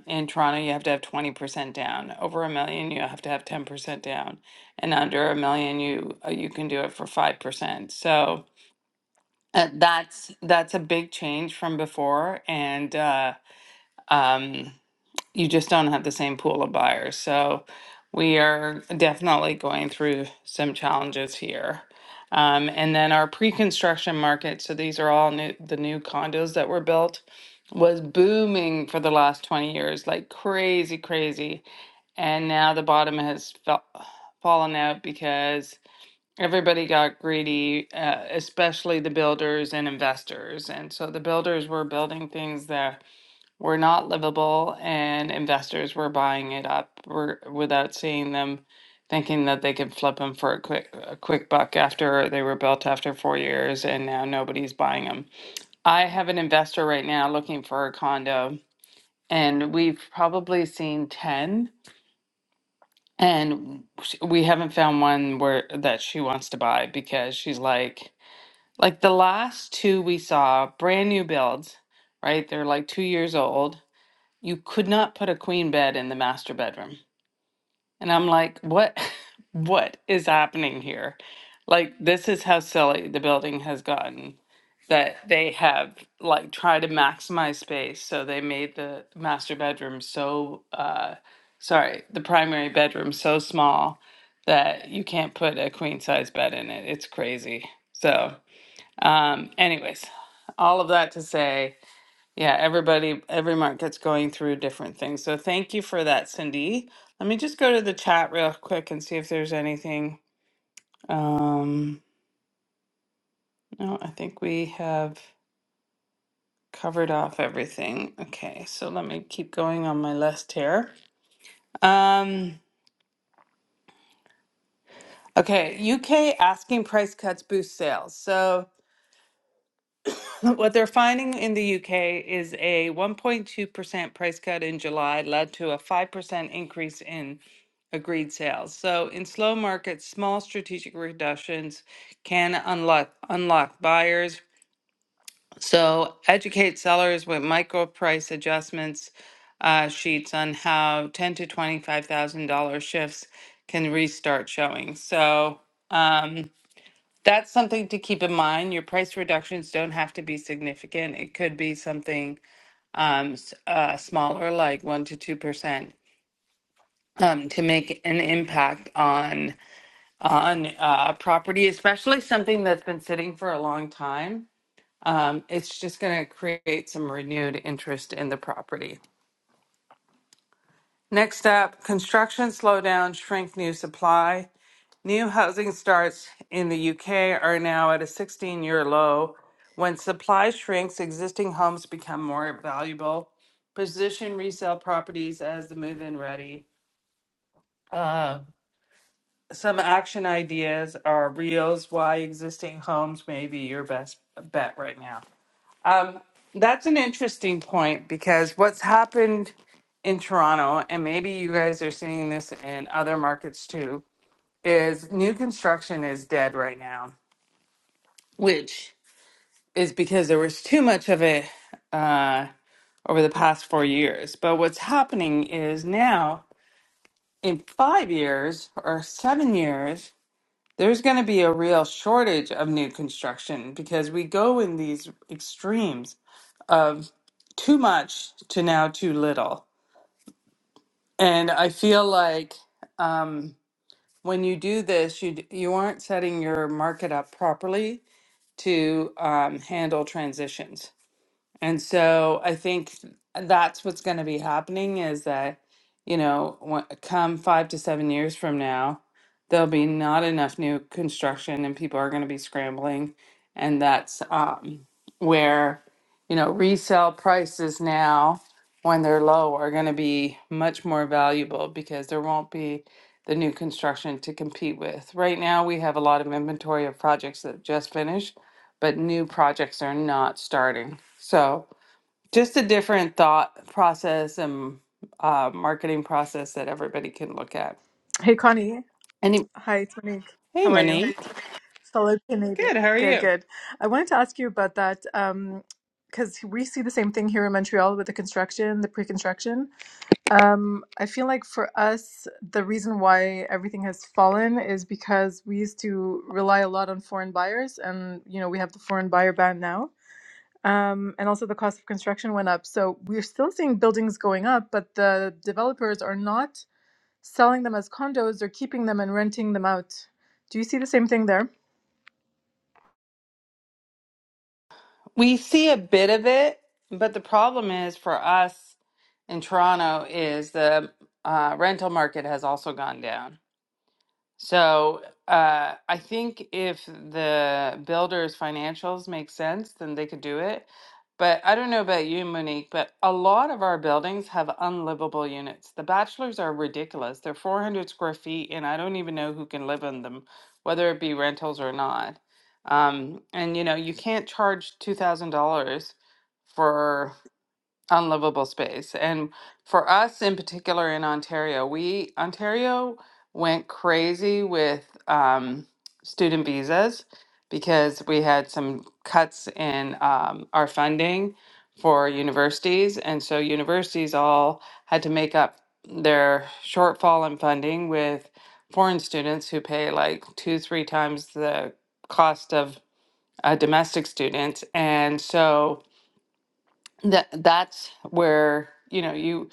B: um, in Toronto, you have to have 20% down. Over a million, you have to have 10% down. And under a million, you uh, you can do it for 5%. So uh, that's that's a big change from before. And uh, um, you just don't have the same pool of buyers. So we are definitely going through some challenges here. Um, and then our pre-construction market, so these are all new, the new condos that were built, was booming for the last 20 years, like crazy, crazy. And now the bottom has fell, fallen out because everybody got greedy, uh, especially the builders and investors. And so the builders were building things that were not livable and investors were buying it up were, without seeing them thinking that they could flip them for a quick a quick buck after they were built after 4 years and now nobody's buying them. I have an investor right now looking for a condo and we've probably seen 10 and sh- we haven't found one where that she wants to buy because she's like like the last two we saw brand new builds, right? They're like 2 years old you could not put a queen bed in the master bedroom. And I'm like, what what is happening here? Like this is how silly the building has gotten that they have like tried to maximize space. So they made the master bedroom so uh sorry, the primary bedroom so small that you can't put a queen size bed in it. It's crazy. So um anyways, all of that to say yeah, everybody, every market's going through different things. So thank you for that, Cindy. Let me just go to the chat real quick and see if there's anything. Um, no, I think we have covered off everything. Okay, so let me keep going on my list here. Um, okay, UK asking price cuts boost sales. So What they're finding in the UK is a 1.2% price cut in July led to a 5% increase in agreed sales. So, in slow markets, small strategic reductions can unlock unlock buyers. So, educate sellers with micro price adjustments uh, sheets on how ten to twenty five thousand dollar shifts can restart showing. So. Um, that's something to keep in mind. Your price reductions don't have to be significant. It could be something um, s- uh, smaller, like one to two percent, um, to make an impact on on uh, property, especially something that's been sitting for a long time. Um, it's just going to create some renewed interest in the property. Next up, construction slowdown, shrink new supply. New housing starts in the UK are now at a 16 year low. When supply shrinks, existing homes become more valuable. Position resale properties as the move in ready. Uh, some action ideas are reels why existing homes may be your best bet right now. Um, that's an interesting point because what's happened in Toronto, and maybe you guys are seeing this in other markets too, is new construction is dead right now which is because there was too much of it uh, over the past four years. But what's happening is now, in five years or seven years, there's going to be a real shortage of new construction because we go in these extremes of too much to now too little. And I feel like um, when you do this, you d- you aren't setting your market up properly to um, handle transitions. And so I think that's what's going to be happening is that, you know, when, come five to seven years from now, there'll be not enough new construction and people are going to be scrambling. And that's um, where, you know, resale prices now, when they're low, are going to be much more valuable because there won't be the new construction to compete with. Right now, we have a lot of inventory of projects that just finished, but new projects are not starting. So, just a different thought process and uh, marketing process that everybody can look at.
L: Hey Connie.
B: Any
L: Hi, it's Monique.
B: hey,
L: How are you?
B: Monique.
L: Fellow Canadian.
B: Good. How are
L: Good,
B: you?
L: good. I wanted to ask you about that um, because we see the same thing here in Montreal with the construction, the pre-construction. Um, I feel like for us, the reason why everything has fallen is because we used to rely a lot on foreign buyers, and you know we have the foreign buyer ban now. Um, and also the cost of construction went up. So we're still seeing buildings going up, but the developers are not selling them as condos or keeping them and renting them out. Do you see the same thing there?
B: We see a bit of it, but the problem is for us in Toronto is the uh, rental market has also gone down. So uh, I think if the builder's financials make sense, then they could do it. But I don't know about you, Monique, but a lot of our buildings have unlivable units. The bachelors are ridiculous. They're 400 square feet, and I don't even know who can live in them, whether it be rentals or not. Um, and you know, you can't charge $2,000 for unlivable space. And for us in particular in Ontario, we Ontario went crazy with um, student visas because we had some cuts in um, our funding for universities, and so universities all had to make up their shortfall in funding with foreign students who pay like two, three times the cost of a domestic student. And so that that's where you know you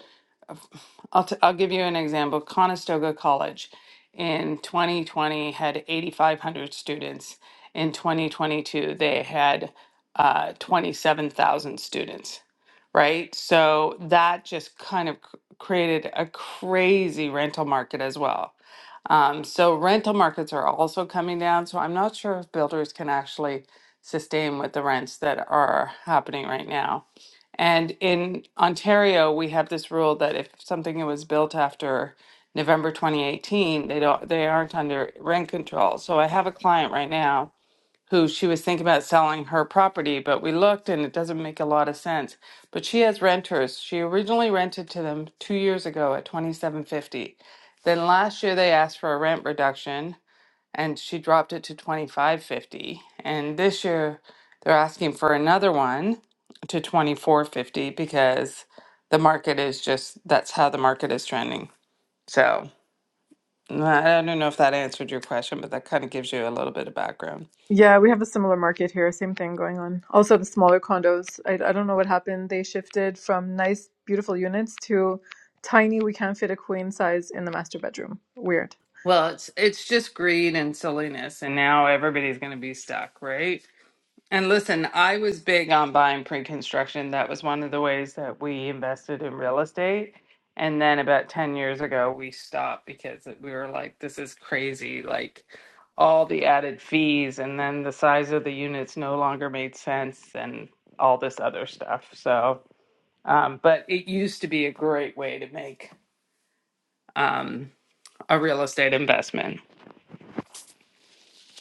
B: I'll, t- I'll give you an example conestoga college in 2020 had 8500 students in 2022 they had uh, 27000 students right so that just kind of c- created a crazy rental market as well um, so rental markets are also coming down so i'm not sure if builders can actually sustain with the rents that are happening right now and in Ontario, we have this rule that if something was built after November 2018, they don't they aren't under rent control. So I have a client right now who she was thinking about selling her property, but we looked and it doesn't make a lot of sense. But she has renters. She originally rented to them 2 years ago at 2750. Then last year they asked for a rent reduction and she dropped it to 25.50 and this year they're asking for another one to 24.50 because the market is just that's how the market is trending so i I don't know if that answered your question but that kind of gives you a little bit of background
L: Yeah, we have a similar market here. Same thing going on. Also, the smaller condos. I, I don't know what happened. They shifted from nice, beautiful units to tiny. We can't fit a queen size in the master bedroom. Weird.
B: well it's it's just greed and silliness and now everybody's going to be stuck right And listen, I was big on buying pre-construction. That was one of the ways that we invested in real estate. And then about 10 years ago, we stopped because it- we were like, this is crazy, like all the added fees, and then the size of the units no longer made sense and all this other stuff. So, um, but it used to be a great way to make um, a real estate investment.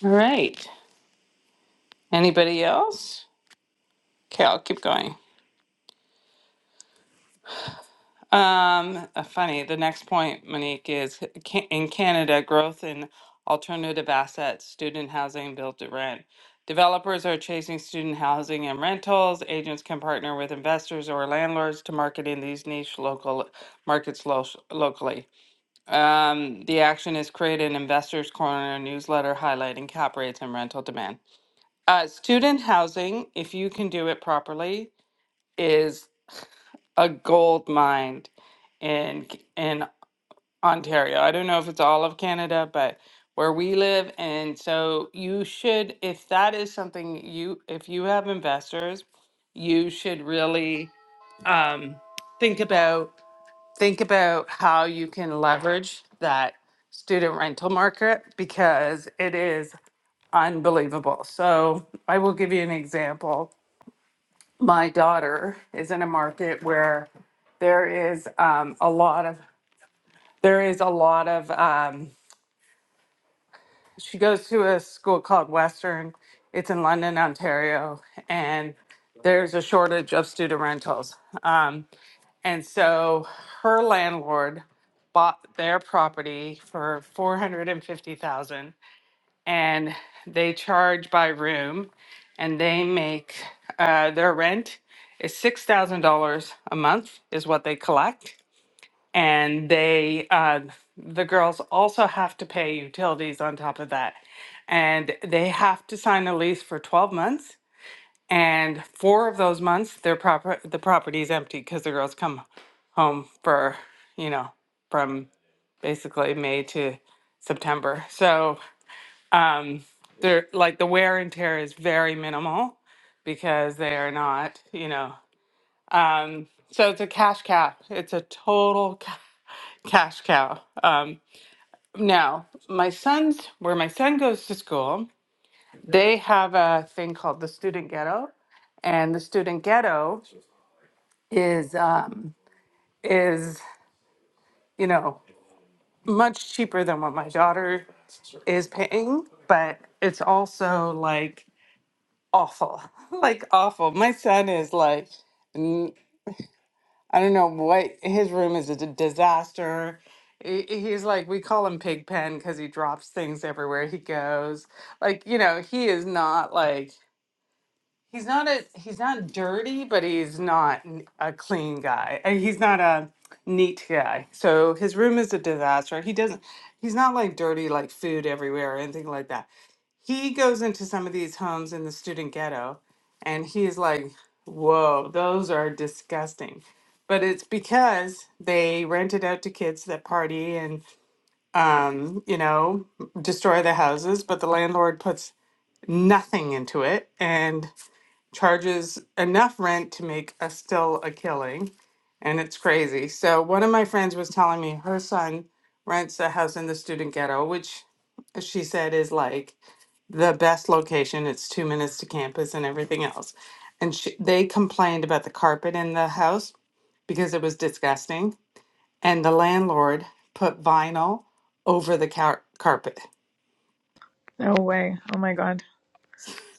B: All right. Anybody else? Okay, I'll keep going. Um, uh, funny. The next point, Monique, is ca- in Canada, growth in alternative assets, student housing, built to rent. Developers are chasing student housing and rentals. Agents can partner with investors or landlords to market in these niche local markets lo- locally. Um, the action is create an investors corner newsletter highlighting cap rates and rental demand. Uh, student housing, if you can do it properly, is a gold mine in in Ontario. I don't know if it's all of Canada, but where we live, and so you should, if that is something you, if you have investors, you should really um, think about think about how you can leverage that student rental market because it is unbelievable. So I will give you an example my daughter is in a market where there is um, a lot of there is a lot of um, she goes to a school called western it's in london ontario and there's a shortage of student rentals um, and so her landlord bought their property for 450000 and they charge by room and they make uh, their rent is $6,000 a month is what they collect. And they, uh, the girls also have to pay utilities on top of that. And they have to sign a lease for 12 months. And four of those months, their proper, the property is empty because the girls come home for, you know, from basically May to September. So um, they're like the wear and tear is very minimal because they are not, you know. Um, so it's a cash cow. It's a total ca- cash cow. Um, now, my sons, where my son goes to school, they have a thing called the student ghetto, and the student ghetto is um, is you know much cheaper than what my daughter is paying, but it's also like awful, like awful. My son is like, n- I don't know what his room is a d- disaster. He- He's like, we call him Pig Pen because he drops things everywhere he goes. Like, you know, he is not like he's not a he's not dirty, but he's not n- a clean guy. Uh, He's not a neat guy. So his room is a disaster. He doesn't. He's not like dirty, like food everywhere or anything like that he goes into some of these homes in the student ghetto and he's like, whoa, those are disgusting. But it's because they rent it out to kids that party and, um, you know, destroy the houses, but the landlord puts nothing into it and charges enough rent to make a still a killing. And it's crazy. So one of my friends was telling me her son rents a house in the student ghetto, which she said is like the best location. It's two minutes to campus and everything else. And she, they complained about the carpet in the house because it was disgusting. And the landlord put vinyl over the car- carpet.
L: No way. Oh my god.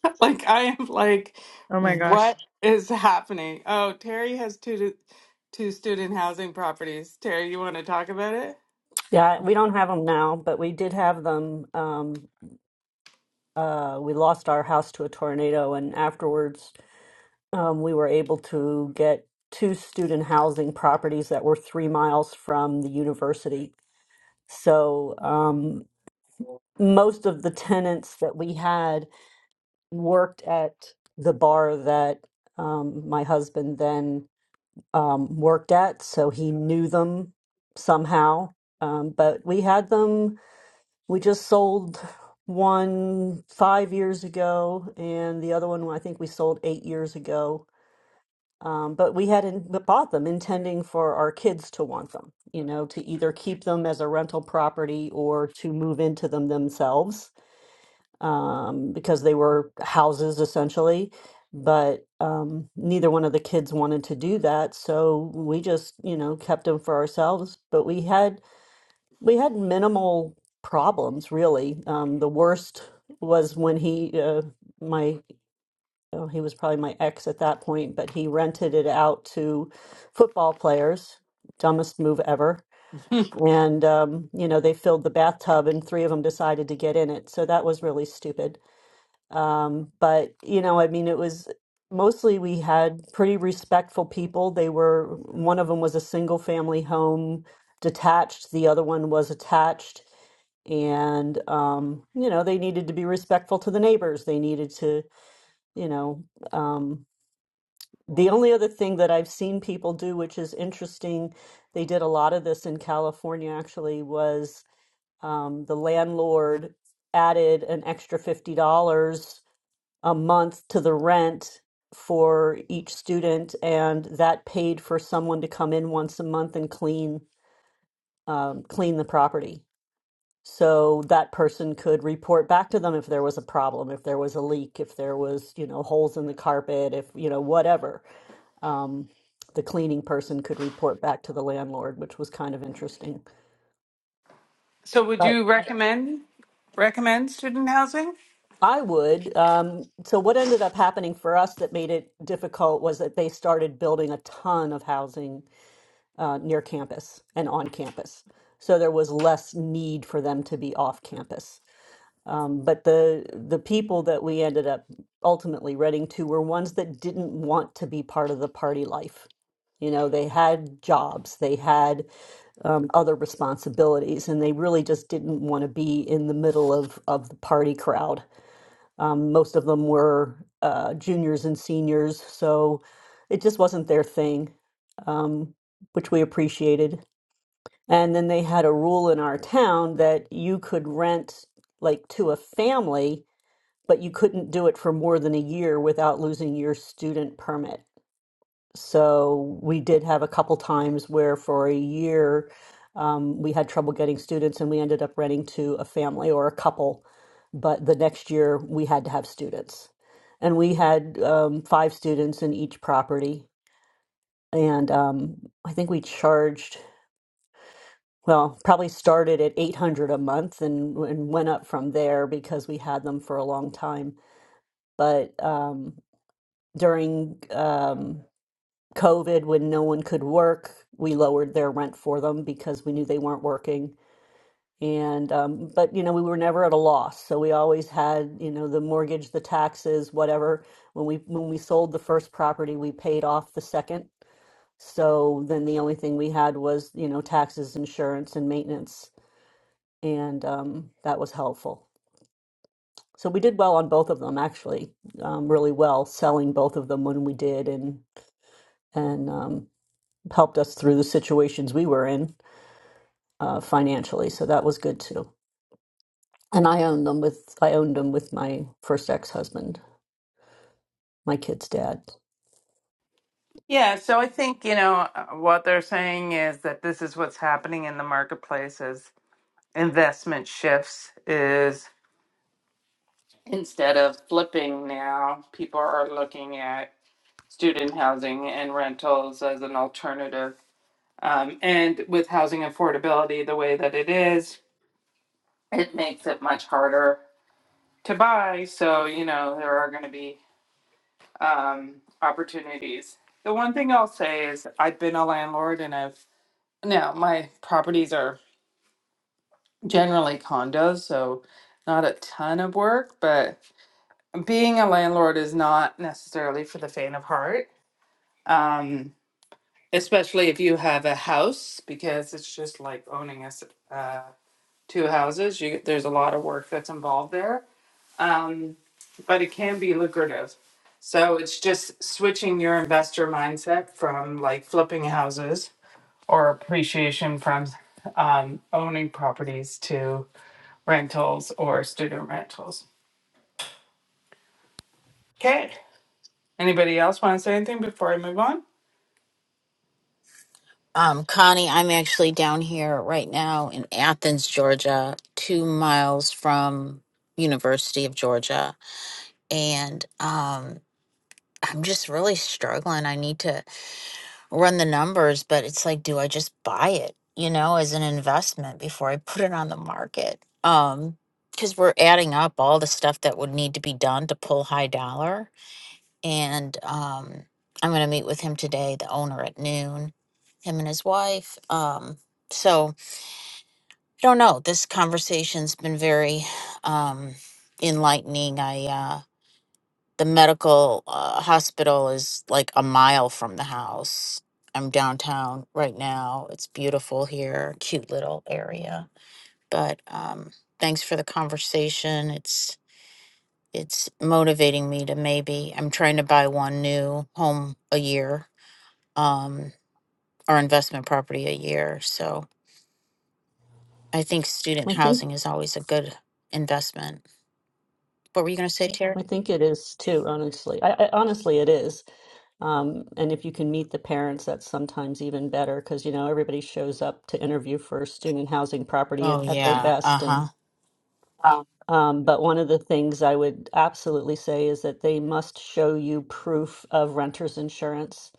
B: like, I am like,
L: Oh my gosh.
B: what is happening? Oh, Terry has two, two student housing properties. Terry, you want to talk about it?
F: Yeah, we don't have them now, but we did have them. Um, uh, we lost our house to a tornado, and afterwards, um, we were able to get two student housing properties that were three miles from the university. So um, most of the tenants that we had worked at the bar that um, my husband then um, worked at, so he knew them somehow. Um, but we had them, we just sold one five years ago, and the other one I think we sold eight years ago Um, but we had in, bought them intending for our kids to want them, you know, to either keep them as a rental property or to move into them themselves um, because they were houses essentially. But um, neither one of the kids wanted to do that, so we just, you know, kept them for ourselves. But we had we had minimal problems really. Um, the worst was when he, uh, my oh, he was probably my ex at that point, but he rented it out to football players. Dumbest move ever. And, um, you know, they filled the bathtub and three of them decided to get in it. So that was really stupid. Um, but, you know, I mean, it was mostly we had pretty respectful people. They were, one of them was a single family home detached, the other one was attached and um, you know they needed to be respectful to the neighbors. They needed to, you know, um, the only other thing that I've seen people do, which is interesting, they did a lot of this in California actually, was um, the landlord added an extra $50 a month to the rent for each student, and that paid for someone to come in once a month and clean um, clean the property. So that person could report back to them if there was a problem, if there was a leak, if there was, you know, holes in the carpet, if, you know, whatever um, the cleaning person could report back to the landlord, which was kind of interesting.
B: So, would
F: But
B: you recommend recommend student housing?
F: I would. Um, so, what ended up happening for us that made it difficult was that they started building a ton of housing uh, near campus and on campus. So, there was less need for them to be off campus. Um, but the the people that we ended up ultimately renting to were ones that didn't want to be part of the party life. You know, they had jobs, they had um, other responsibilities, and they really just didn't want to be in the middle of of the party crowd. Um, most of them were uh, juniors and seniors, so it just wasn't their thing, um, which we appreciated. And then they had a rule in our town that you could rent like to a family, but you couldn't do it for more than a year without losing your student permit. So we did have a couple times where for a year um, we had trouble getting students and we ended up renting to a family or a couple. But the next year we had to have students. And we had um, five students in each property. And um, I think we charged, well, probably started at 800 a month and, and went up from there because we had them for a long time. But um, during um, COVID, when no one could work, we lowered their rent for them because we knew they weren't working. And, um, but, you know, we were never at a loss. So we always had, you know, the mortgage, the taxes, whatever. When we, when we sold the first property, we paid off the second. So then the only thing we had was, you know, taxes, insurance, and maintenance. And um, that was helpful. So we did well on both of them, actually, um, really well selling both of them when we did and, and, um, helped us through the situations we were in uh, financially, so that was good too. And I owned them with I owned them with my first ex husband, my kid's dad.
B: Yeah, so I think, you know, uh, what they're saying is that this is what's happening in the marketplace as investment shifts is instead of flipping now, people are looking at student housing and rentals as an alternative. Um, and with housing affordability the way that it is, it makes it much harder to buy. So, you know, there are going to be um, opportunities. The one thing I'll say is I've been a landlord and I've No, my properties are generally condos, so not a ton of work, but being a landlord is not necessarily for the faint of heart. Um, especially if you have a house, because it's just like owning us uh, two houses. You, there's a lot of work that's involved there, um, but it can be lucrative. So it's just switching your investor mindset from like flipping houses or appreciation from um, owning properties to rentals or student rentals. Okay. Anybody else want to say anything before I move on?
M: Um, Connie, I'm actually down here right now in Athens, Georgia, two miles from University of Georgia, and um, I'm just really struggling. I need to run the numbers, but it's like, do I just buy it, you know, as an investment before I put it on the market? Um, because we're adding up all the stuff that would need to be done to pull high dollar, and um, I'm going to meet with him today, the owner at noon, him and his wife. Um, so. I don't know. This conversation's been very um, enlightening. I uh, the medical uh, hospital is like a mile from the house. I'm downtown right now. It's beautiful here, cute little area. But um, thanks for the conversation. It's it's motivating me to maybe I'm trying to buy one new home a year um, or investment property a year. So I think student
F: I think
M: housing is always a good investment. What were you going to say, Terry?
F: I think it is too, honestly. I, I honestly it is. Um, and if you can meet the parents, that's sometimes even better because you know everybody shows up to interview for student housing property at,
M: Oh,
F: at their
M: yeah. Uh
F: best, and
M: huh. Oh.
F: Um, but one of the things I would absolutely say is that they must show you proof of renter's insurance.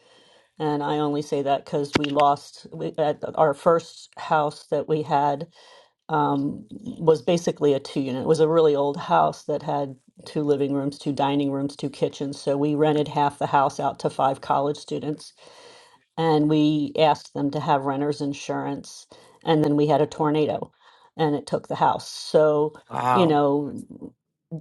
F: And I only say that because we lost we, at our first house that we had um, was basically a two unit. It was a really old house that had two living rooms, two dining rooms, two kitchens. So we rented half the house out to five college students, and we asked them to have renter's insurance. And then we had a tornado, and it took the house. So you
M: Wow.
F: know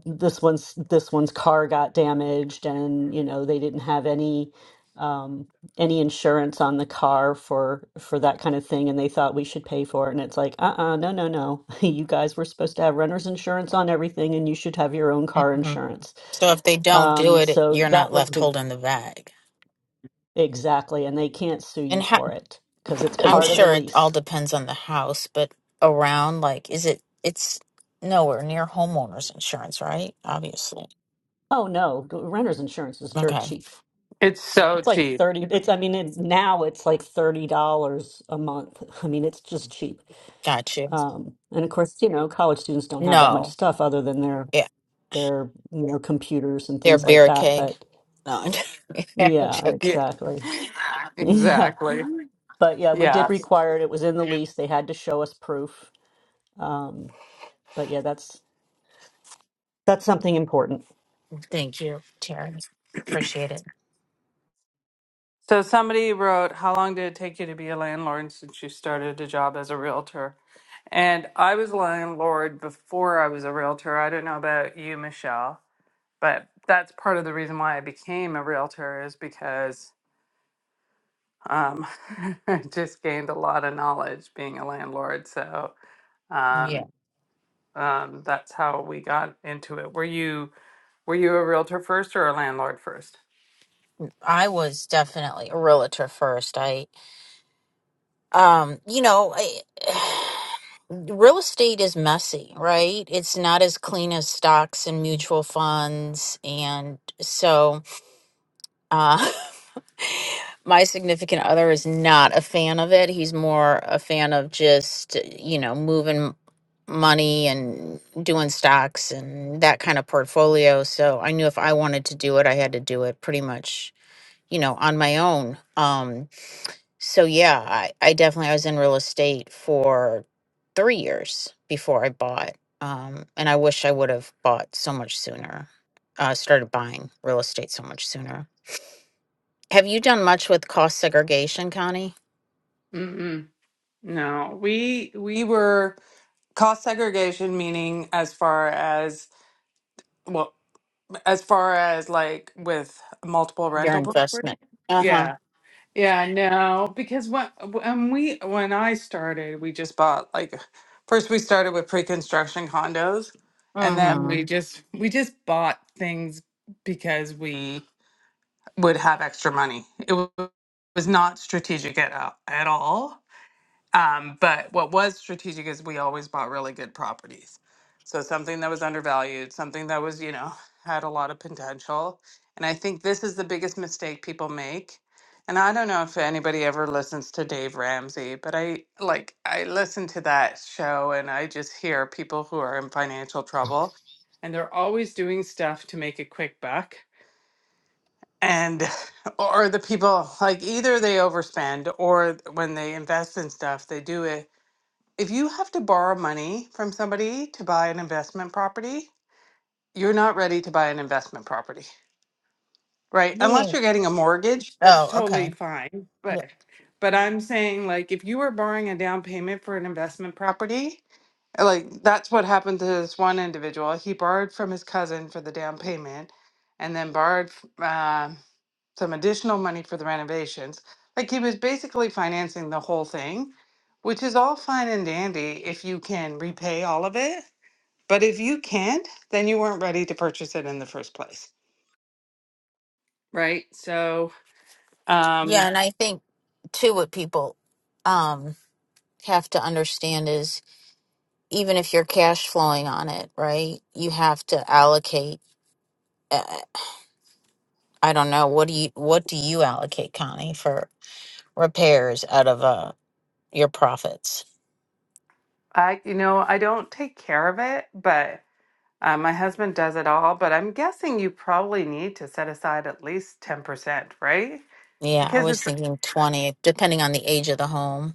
F: this one's this one's car got damaged and you know they didn't have any um any insurance on the car for for that kind of thing and they thought we should pay for it and it's like uh-uh no no no you guys were supposed to have renter's insurance on everything and you should have your own car
M: hmm
F: insurance
M: So if they don't do
F: um
M: it,
F: so
M: you're not
F: that was
M: left
F: big
M: holding the bag.
F: exactly and they can't sue you
M: And ha-
F: for it because it's
M: I'm
F: part of the
M: sure it all
F: lease
M: depends on the house, but around, like, is it, it's nowhere near homeowners insurance, right? Obviously.
F: oh no renter's insurance is dirt
M: Okay.
F: cheap
B: It's so
F: It's like
B: cheap.
F: 30, it's, I mean, it, now it's like $30 a month. I mean, it's just cheap.
M: Got you.
F: Um, and of course, you know, college students don't have that much
M: No.
F: stuff other than their
M: Yeah.
F: their, you know, computers and
M: They're
F: things like that.
M: barricade.
F: But
M: No, I'm joking.
F: yeah,
B: Yeah,
F: exactly.
M: I'm
F: Yeah.
B: exactly.
M: joking.
F: But yeah, we
B: Yeah.
F: did require it. It was in the lease. They had to show us proof. Um, but yeah, that's that's something important.
M: Thank you, Terry. Appreciate it.
B: So somebody wrote, How long did it take you to be a landlord since you started a job as a realtor? And I was a landlord before I was a realtor. I don't know about you, Michelle, but that's part of the reason why I became a realtor is because um, I just gained a lot of knowledge being a landlord. So
M: Yeah.
B: um, Um, that's how we got into it. Were you were you a realtor first or a landlord first?
M: I was definitely a realtor first. I, um, you know, I, real estate is messy, right? It's not as clean as stocks and mutual funds. And so, uh, my significant other is not a fan of it. He's more a fan of just, you know, moving money and doing stocks and that kind of portfolio. So I knew if I wanted to do it, I had to do it pretty much, you know, on my own. Um, so yeah, I, I definitely I was in real estate for three years before I bought. Um, and I wish I would have bought so much sooner. Uh, started buying real estate so much sooner. Have you done much with cost segregation, Connie?
B: Mm-mm. No, we we were cost segregation, meaning as far as well, as far as like with multiple
M: Your
B: rental property.
M: investment. Uh huh.
B: Yeah, yeah, no, because when when we when I started, we just bought like first we started with pre-construction condos, and
M: Mm
B: then we
M: hmm.
B: just we just bought things because we would have extra money. It wa- was not strategic at, all- at all. Um, but what was strategic is we always bought really good properties. So something that was undervalued, something that was, you know, had a lot of potential. And I think this is the biggest mistake people make. And I don't know if anybody ever listens to Dave Ramsey, but I like I listen to that show and I just hear people who are in financial trouble and they're always doing stuff to make a quick buck and or the people like either they overspend or when they invest in stuff they do it if you have to borrow money from somebody to buy an investment property you're not ready to buy an investment property right
M: You
B: unless
M: mean?
B: you're getting a mortgage that's
M: Oh, okay.
B: totally fine but
M: Yeah,
B: but i'm saying like if you were borrowing a down payment for an investment property like that's what happened to this one individual he borrowed from his cousin for the down payment and then borrowed f- uh, some additional money for the renovations. Like he was basically financing the whole thing, which is all fine and dandy if you can repay all of it. But if you can't, then you weren't ready to purchase it in the first place. Right. So, um,
M: yeah, and I think too what people um have to understand is even if you're cash flowing on it, right? You have to allocate. I don't know. What do you what do you allocate, Connie, for repairs out of uh your profits?
B: I, you know, I don't take care of it, but uh, my husband does it all. But I'm guessing you probably need to set aside at least 10%, right?
M: Yeah, I
B: Because
M: was
B: it's
M: thinking 20, depending on the age of the home.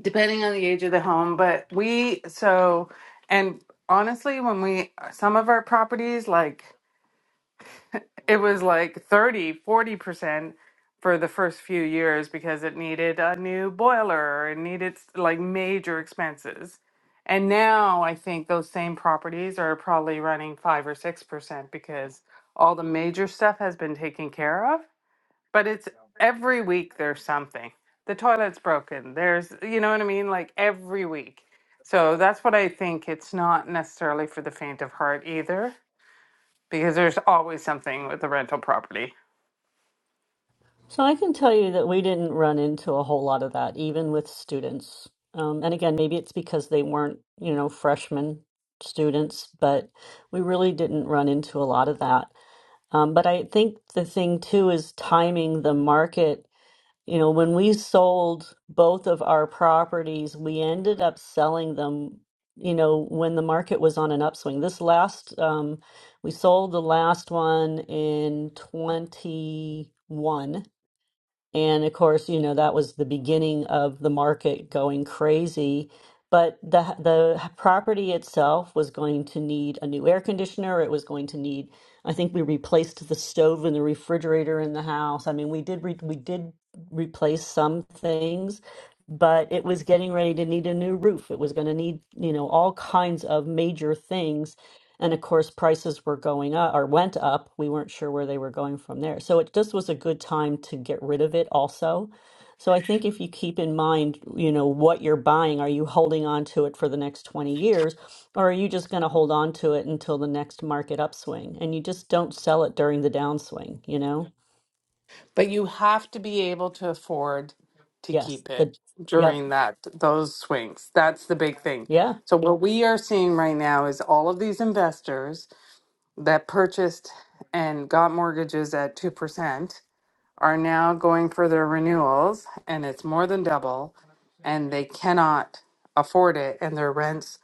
B: depending on the age of the home but we so and honestly when we some of our properties like it was like thirty, forty percent for the first few years because it needed a new boiler it needed like major expenses and now i think those same properties are probably running 5 or 6% because all the major stuff has been taken care of but it's every week there's something. The toilet's broken. There's, you know what I mean? Like every week. So that's what I think. It's not necessarily for the faint of heart either, because there's always something with the rental property.
F: So I can tell you that we didn't run into a whole lot of that, even with students. Um, and again, maybe it's because they weren't, you know, freshman students, but we really didn't run into a lot of that. Um, but I think the thing too is timing the market. You know, when we sold both of our properties, we ended up selling them, you know, when the market was on an upswing. This last, um, we sold the last one in 21 and of course, you know, that was the beginning of the market going crazy. But the the property itself was going to need a new air conditioner. It was going to need, I think we replaced the stove and the refrigerator in the house. I mean, we did re we did replace some things, but it was getting ready to need a new roof. It was going to need, you know, all kinds of major things and of course, prices were going up or went up. We weren't sure where they were going from there. So it just was a good time to get rid of it also. So I think if you keep in mind, you know, what you're buying, are you holding on to it for the next 20 years or are you just going to hold on to it until the next market upswing? And you just don't sell it during the downswing, you know?
B: But you have to be able to afford to
F: Yes.
B: keep
F: The
B: it
F: yep.
B: during that those swings. That's the big thing.
F: Yeah.
B: So what we are seeing right now is all of these investors that purchased and got mortgages at two percent are now going for their renewals and it's more than double and they cannot afford it and their rents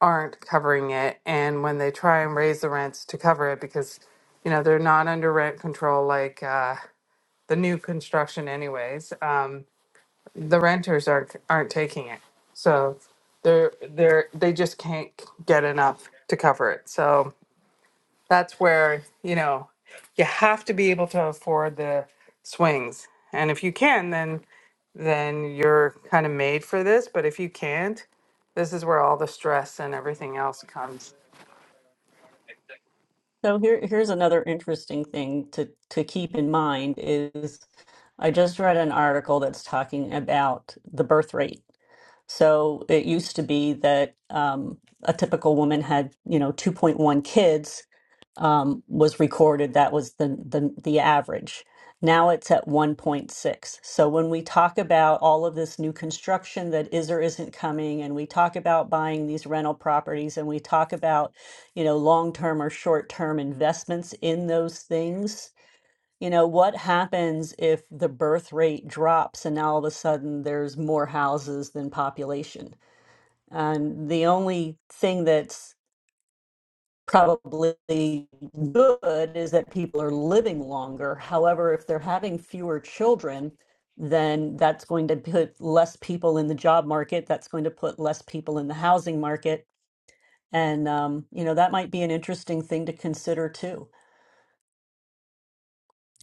B: aren't covering it and when they try and raise the rents to cover it because you know they're not under rent control like uh, the new construction anyways um, the renters aren't aren't taking it so they're they're they just can't get enough to cover it so that's where you know you have to be able to afford the swings and if you can then then you're kind of made for this but if you can't this is where all the stress and everything else comes
F: So here, here's another interesting thing to, to keep in mind is I just read an article that's talking about the birth rate. So it used to be that um, a typical woman had, you know, 2.1 kids um, was recorded. That was the, the the average. Now it's at 1.6. So when we talk about all of this new construction that is or isn't coming, and we talk about buying these rental properties, and we talk about you know, long-term or short-term investments in those things. You know, what happens if the birth rate drops and all of a sudden there's more houses than population? And the only thing that's probably good is that people are living longer. However, if they're having fewer children, then that's going to put less people in the job market. That's going to put less people in the housing market. And, um, you know, that might be an interesting thing to consider too.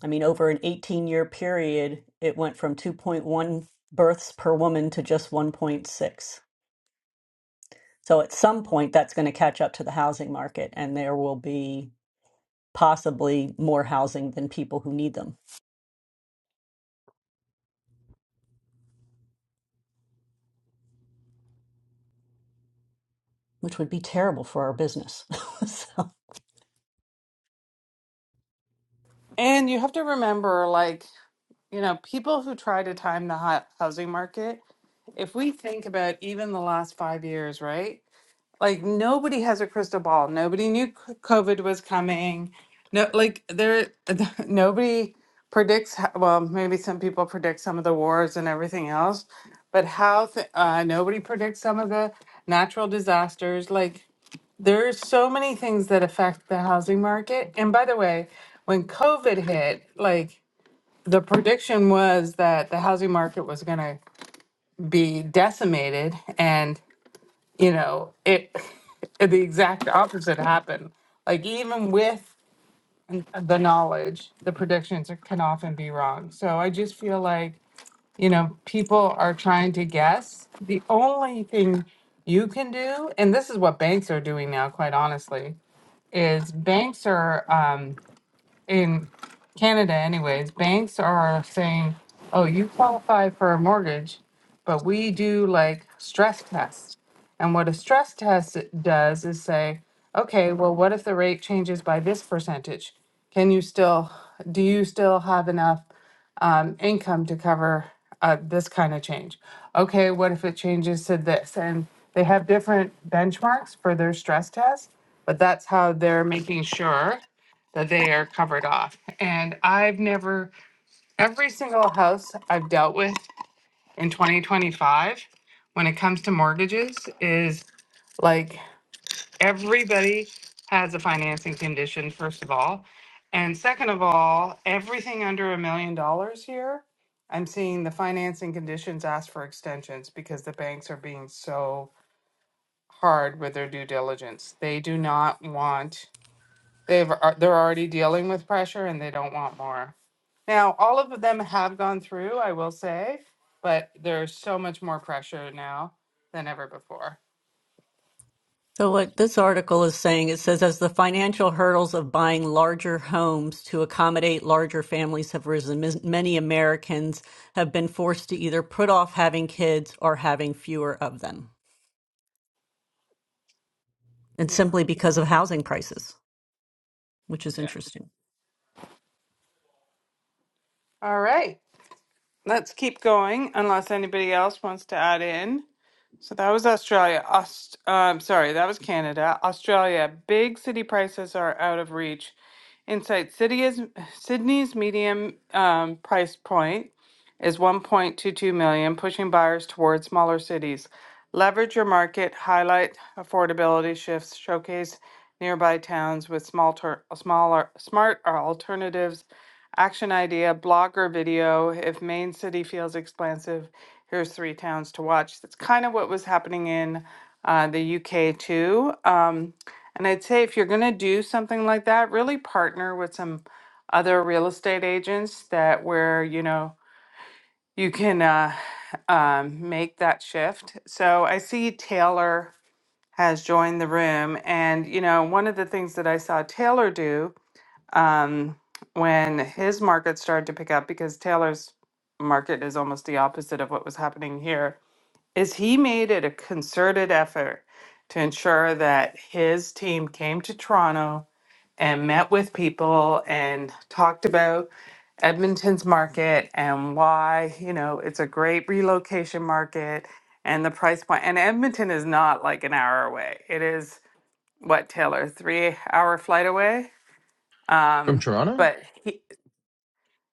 F: I mean, over an 18 year period, it went from 2.1 births per woman to just 1.6. So at some point, that's going to catch up to the housing market, and there will be possibly more housing than people who need them, which would be terrible for our business. so.
B: and you have to remember like you know people who try to time the hou- housing market if we think about even the last 5 years right Like nobody has a crystal ball. Nobody knew c- COVID was coming. No, like there, nobody predicts. ho- Well, maybe some people predict some of the wars and everything else, but how? Th- uh, nobody predicts some of the natural disasters. Like there's so many things that affect the housing market. And by the way, when COVID hit, like the prediction was that the housing market was going to be decimated, and you know, it the exact opposite happened. Like even with the knowledge, the predictions are- can often be wrong. So I just feel like, you know, people are trying to guess. The only thing you can do, and this is what banks are doing now, quite honestly, is banks are. um, in Canada anyways, banks are saying, oh, you qualify for a mortgage, but we do like stress tests. And what a stress test it does is say, okay, well, what if the rate changes by this percentage? Can you still, do you still have enough um, income to cover uh, this kind of change? Okay, what if it changes to this? And they have different benchmarks for their stress test, but that's how they're making sure that they are covered off. And I've never, every single house I've dealt with in 2025, when it comes to mortgages, is like everybody has a financing condition, first of all. And second of all, everything under a million dollars here, I'm seeing the financing conditions ask for extensions because the banks are being so hard with their due diligence. They do not want They've are they're already dealing with pressure and they don't want more. Now, all of them have gone through, I will say, but there's so much more pressure now than ever before.
F: So what this article is saying, it says as the financial hurdles of buying larger homes to accommodate larger families have risen, mis- many Americans have been forced to either put off having kids or having fewer of them. and
B: Yeah.
F: simply because of housing prices, which is
B: Yeah.
F: interesting.
B: All right. Let's keep going unless anybody else wants to add in. So that was Australia. Aust- um, sorry, that was Canada. Australia. Big city prices are out of reach. Insight City is Sydney's medium um, price point is 1.22 million, pushing buyers towards smaller cities. Leverage your market, highlight affordability shifts, showcase nearby towns with small ter- smaller smart or alternatives. Action idea, blog or video. If main city feels expansive, here's three towns to watch. That's kind of what was happening in uh, the UK too. Um, and I'd say if you're going to do something like that, really partner with some other real estate agents that where you know you can uh, um, make that shift. So I see Taylor has joined the room, and you know one of the things that I saw Taylor do um, when his market started to pick up because Taylor's market is almost the opposite of what was happening here is he made it a concerted effort to ensure that his team came to Toronto and met with people and talked about Edmonton's market and why, you know, it's a great relocation market and the price point. And Edmonton is not like an hour away. It is what, Taylor, three hour flight away?
N: From
B: Um,
N: Toronto?
B: but he,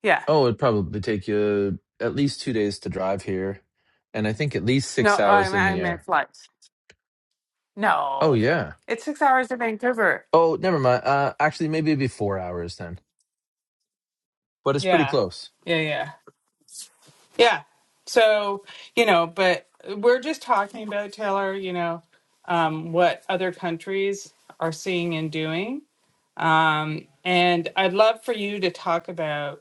B: yeah,
N: Oh, it'd probably take you at least two days to drive here, and I think at least
B: no,
N: six
B: I,
N: hours
B: mean-
N: in
B: I
N: the
B: meant
N: air.
B: flights.
N: Oh,
B: No,
N: yeah.
B: it's six hours to Vancouver.
N: Oh, never mind. Uh, actually, maybe it'd be four hours then, but it's pretty
B: Yeah,
N: close.
B: yeah, yeah. Yeah. So, you know, but we're just talking about, Taylor, you know, um, what other countries are seeing and doing. Um, and I'd love for you to talk about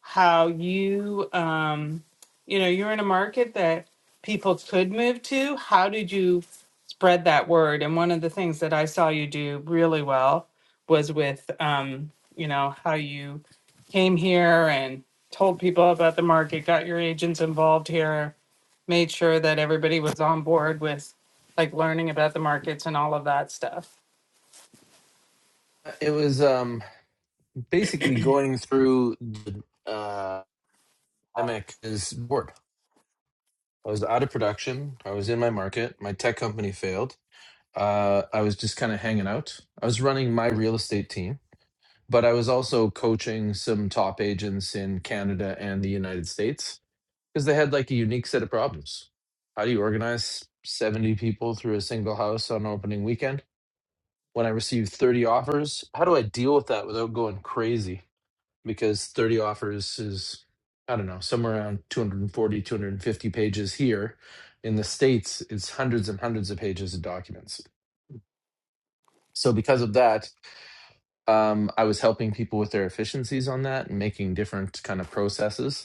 B: how you um you know you're in a market that people could move to how did you spread that word and one of the things that i saw you do really well was with um you know how you came here and told people about the market got your agents involved here made sure that everybody was on board with like learning about the markets and all of that stuff
N: Uh, It was um, basically going through the uh, pandemic is bored. I was out of production. I was in my market. My tech company failed. Uh, I was just kind of hanging out. I was running my real estate team, but I was also coaching some top agents in Canada and the United States Because they had like a unique set of problems. How do you organize 70 people through a single house on opening weekend? When I receive 30 offers, how do I deal with that without going crazy? Because 30 offers is, I don't know, somewhere around 240, 250 pages here. In the States, it's hundreds and hundreds of pages of documents. So, because of that, um, I was helping people with their efficiencies on that and making different kind of processes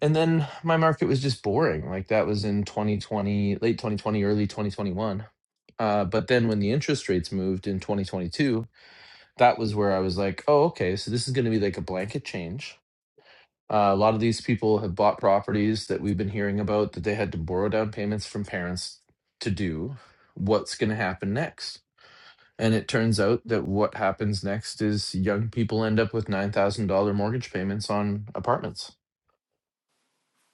N: and then my market was just boring like that was in 2020 late 2020 early 2021 uh, but then when the interest rates moved in 2022 that was where i was like oh okay so this is going to be like a blanket change uh, a lot of these people have bought properties that we've been hearing about that they had to borrow down payments from parents to do what's going to happen next and it turns out that what happens next is young people end up with $9000 mortgage payments on apartments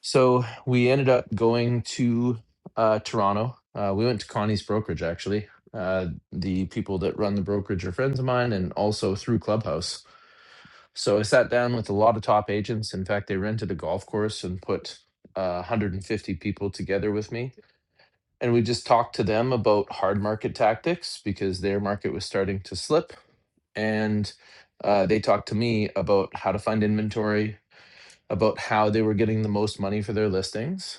N: So we ended up going to uh, Toronto. Uh, we went to Connie's brokerage, actually. Uh, the people that run the brokerage are friends of mine and also through Clubhouse. So I sat down with a lot of top agents. In fact, they rented a golf course and put uh, 150 people together with me. And we just talked to them about hard market tactics because their market was starting to slip. And uh, they talked to me about how to find inventory, about how they were getting the most money for their listings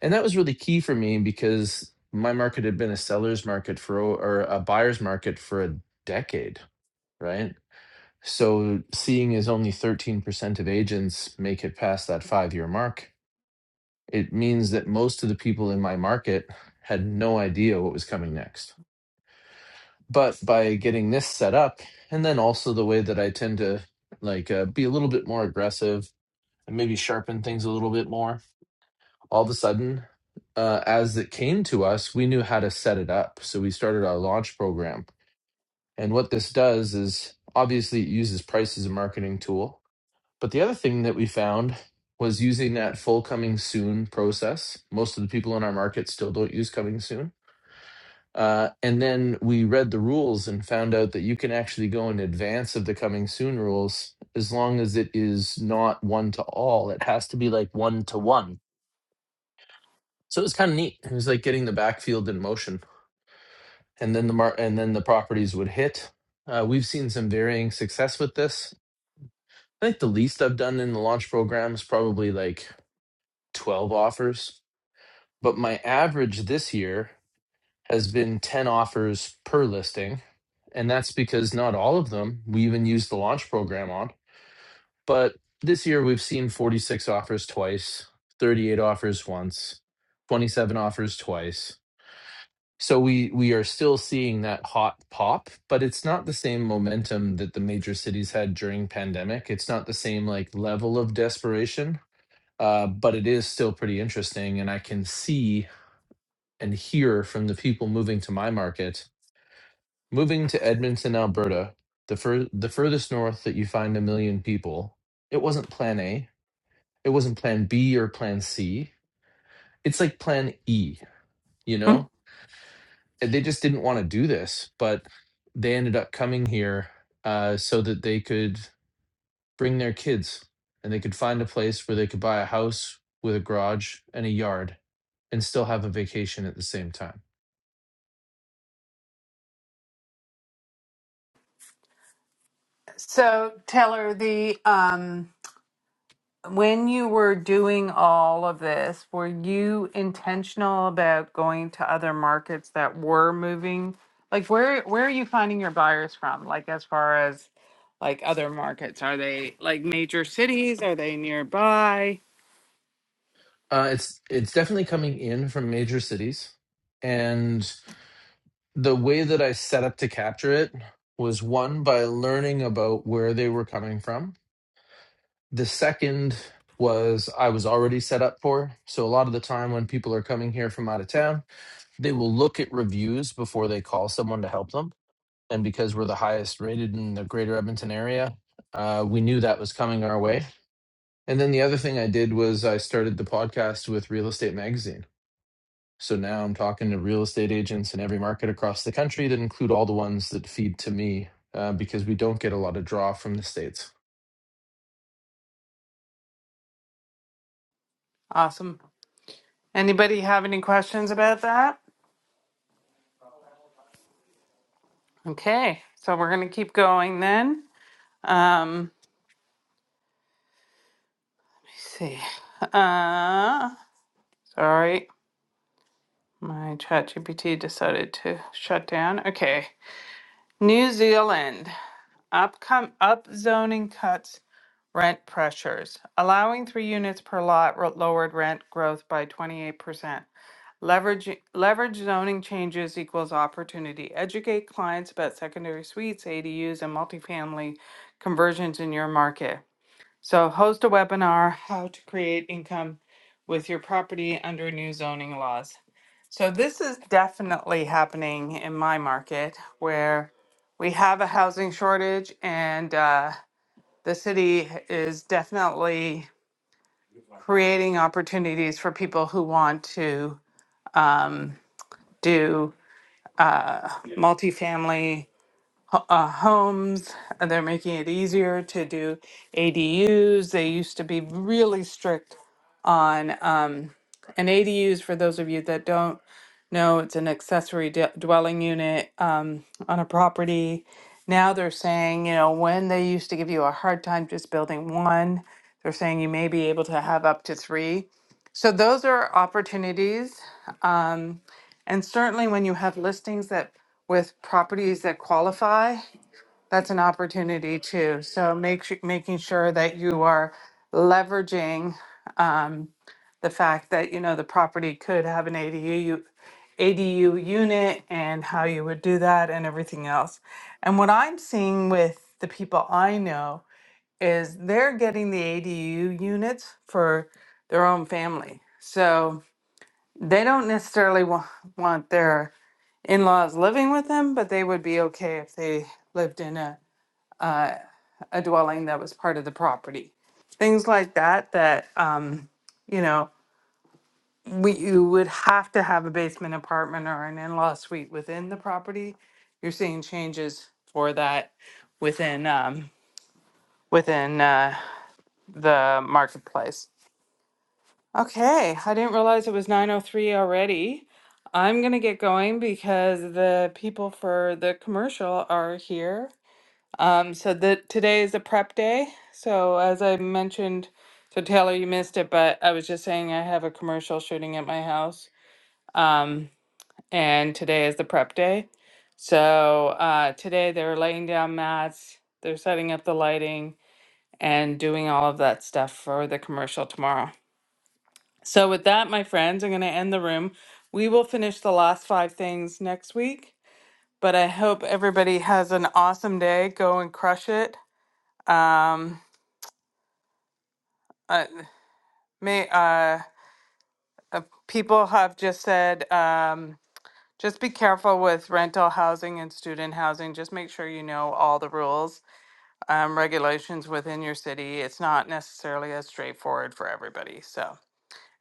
N: and that was really key for me because my market had been a seller's market for o- or a buyer's market for a decade right so seeing as only 13% of agents make it past that five year mark it means that most of the people in my market had no idea what was coming next but by getting this set up and then also the way that i tend to like uh, be a little bit more aggressive and maybe sharpen things a little bit more all of a sudden, uh, as it came to us, we knew how to set it up. So we started our launch program. And what this does is obviously it uses price as a marketing tool. But the other thing that we found was using that full coming soon process. Most of the people in our market still don't use coming soon. Uh, and then we read the rules and found out that you can actually go in advance of the coming soon rules as long as it is not one to all. It has to be like one to one So it was kind of neat. It was like getting the backfield in motion, and then the mar- and then the properties would hit. Uh, we've seen some varying success with this. I think the least I've done in the launch program is probably like twelve offers, but my average this year has been ten offers per listing, and that's because not all of them we even use the launch program on. But this year we've seen forty six offers twice, thirty eight offers once, twenty seven offers twice So we we are still seeing that hot pop, but it's not the same momentum that the major cities had during pandemic. It's not the same like level of desperation, uh, but it is still pretty interesting. And I can see and hear from the people moving to my market, moving to Edmonton, Alberta, the fur the furthest north that you find a million people. It wasn't Plan A. It wasn't Plan B or Plan C. It's like Plan E. You know, they just didn't want to do this, but they ended up coming here uh, so that they could bring their kids and they could find a place where they could buy a house with a garage and a yard and still have a vacation at the same time.
B: So Taylor, the um, when you were doing all of this, were you intentional about going to other markets that were moving? Like where where are you finding your buyers from? Like as far as like other markets, are they like major cities? Are they nearby?
N: Uh, it's it's definitely coming in from major cities, and the way that I set up to capture it was one by learning about where they were coming from. The second was I was already set up for. So a lot of the time when people are coming here from out of town, they will look at reviews before they call someone to help them. And because we're the highest rated in the greater Edmonton area, uh, we knew that was coming our way. And then the other thing I did was I started the podcast with Real Estate Magazine. So now I'm talking to real estate agents in every market across the country to include all the ones that feed to me uh, because we don't get a lot of draw from the States.
B: Awesome. Anybody have any questions about that? Okay, so we're gonna keep going then. Um, let's see. Uh, sorry, my ChatGPT decided to shut down. Okay, New Zealand upcom up zoning cuts rent pressures, allowing three units per lot ro- lowered rent growth by 28%. Leverage leverage zoning changes equals opportunity. Educate clients about secondary suites, ADUs, and multifamily conversions in your market. So host a webinar how to create income with your property under new zoning laws. So this is definitely happening in my market where we have a housing shortage and uh, the city is definitely creating opportunities for people who want to um, do uh, multifamily ho- uh, homes. And They're making it easier to do ADUs. They used to be really strict on um, and ADUs, for those of you that don't No, it's an accessory d dwelling unit um, on a property. Now they're saying, you know, when they used to give you a hard time just building one, they're saying you may be able to have up to three. So those are opportunities. And certainly when you have listings that with properties that qualify, that's an opportunity too. So make su- making sure that you are leveraging. Um, the fact that, you know, the property could have an ADU, ADU unit and how you would do that and everything else. And what I'm seeing with the people I know is they're getting the ADU units for their own family. So they don't necessarily wa- want their in-laws living with them, but they would be okay if they lived in a, uh, a dwelling that was part of the property. Things like that, that, um, you know, we, you would have to have a basement apartment or an in-law suite within the property. You're seeing changes for that within, um, within, uh, the marketplace. Okay, I didn't realize it was nine oh three already. I'm gonna get going because the people for the commercial are here. Um, so the, today is a prep day. So as I mentioned, so Taylor, you missed it, but I was just saying I have a commercial shooting at my house. Um, and today is the prep day. So uh, today they're laying down mats, they're setting up the lighting, and doing all of that stuff for the commercial tomorrow. So, with that, my friends, I'm going to end the room. We will finish the last five things next week, but I hope everybody has an awesome day. Go and crush it. Um, uh, may, uh, uh, people have just said, um, just be careful with rental housing and student housing. Just make sure you know all the rules um, regulations within your city. It's not necessarily as straightforward for everybody. So,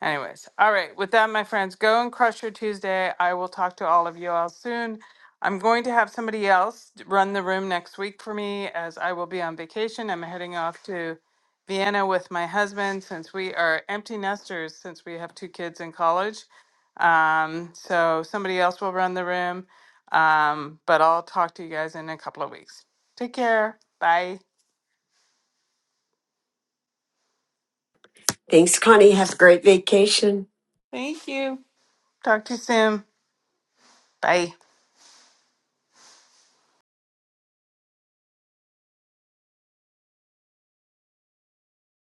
B: anyways, all right. With that, my friends, go and crush your Tuesday. I will talk to all of you all soon. I'm going to have somebody else run the room next week for me as I will be on vacation. I'm heading off to Vienna with my husband since we are empty nesters since we have two kids in college. Um, so somebody else will run the room. Um, but I'll talk to you guys in a couple of weeks. Take care. Bye.
K: Thanks, Connie. Have a great vacation.
B: Thank you. Talk to you soon. Bye.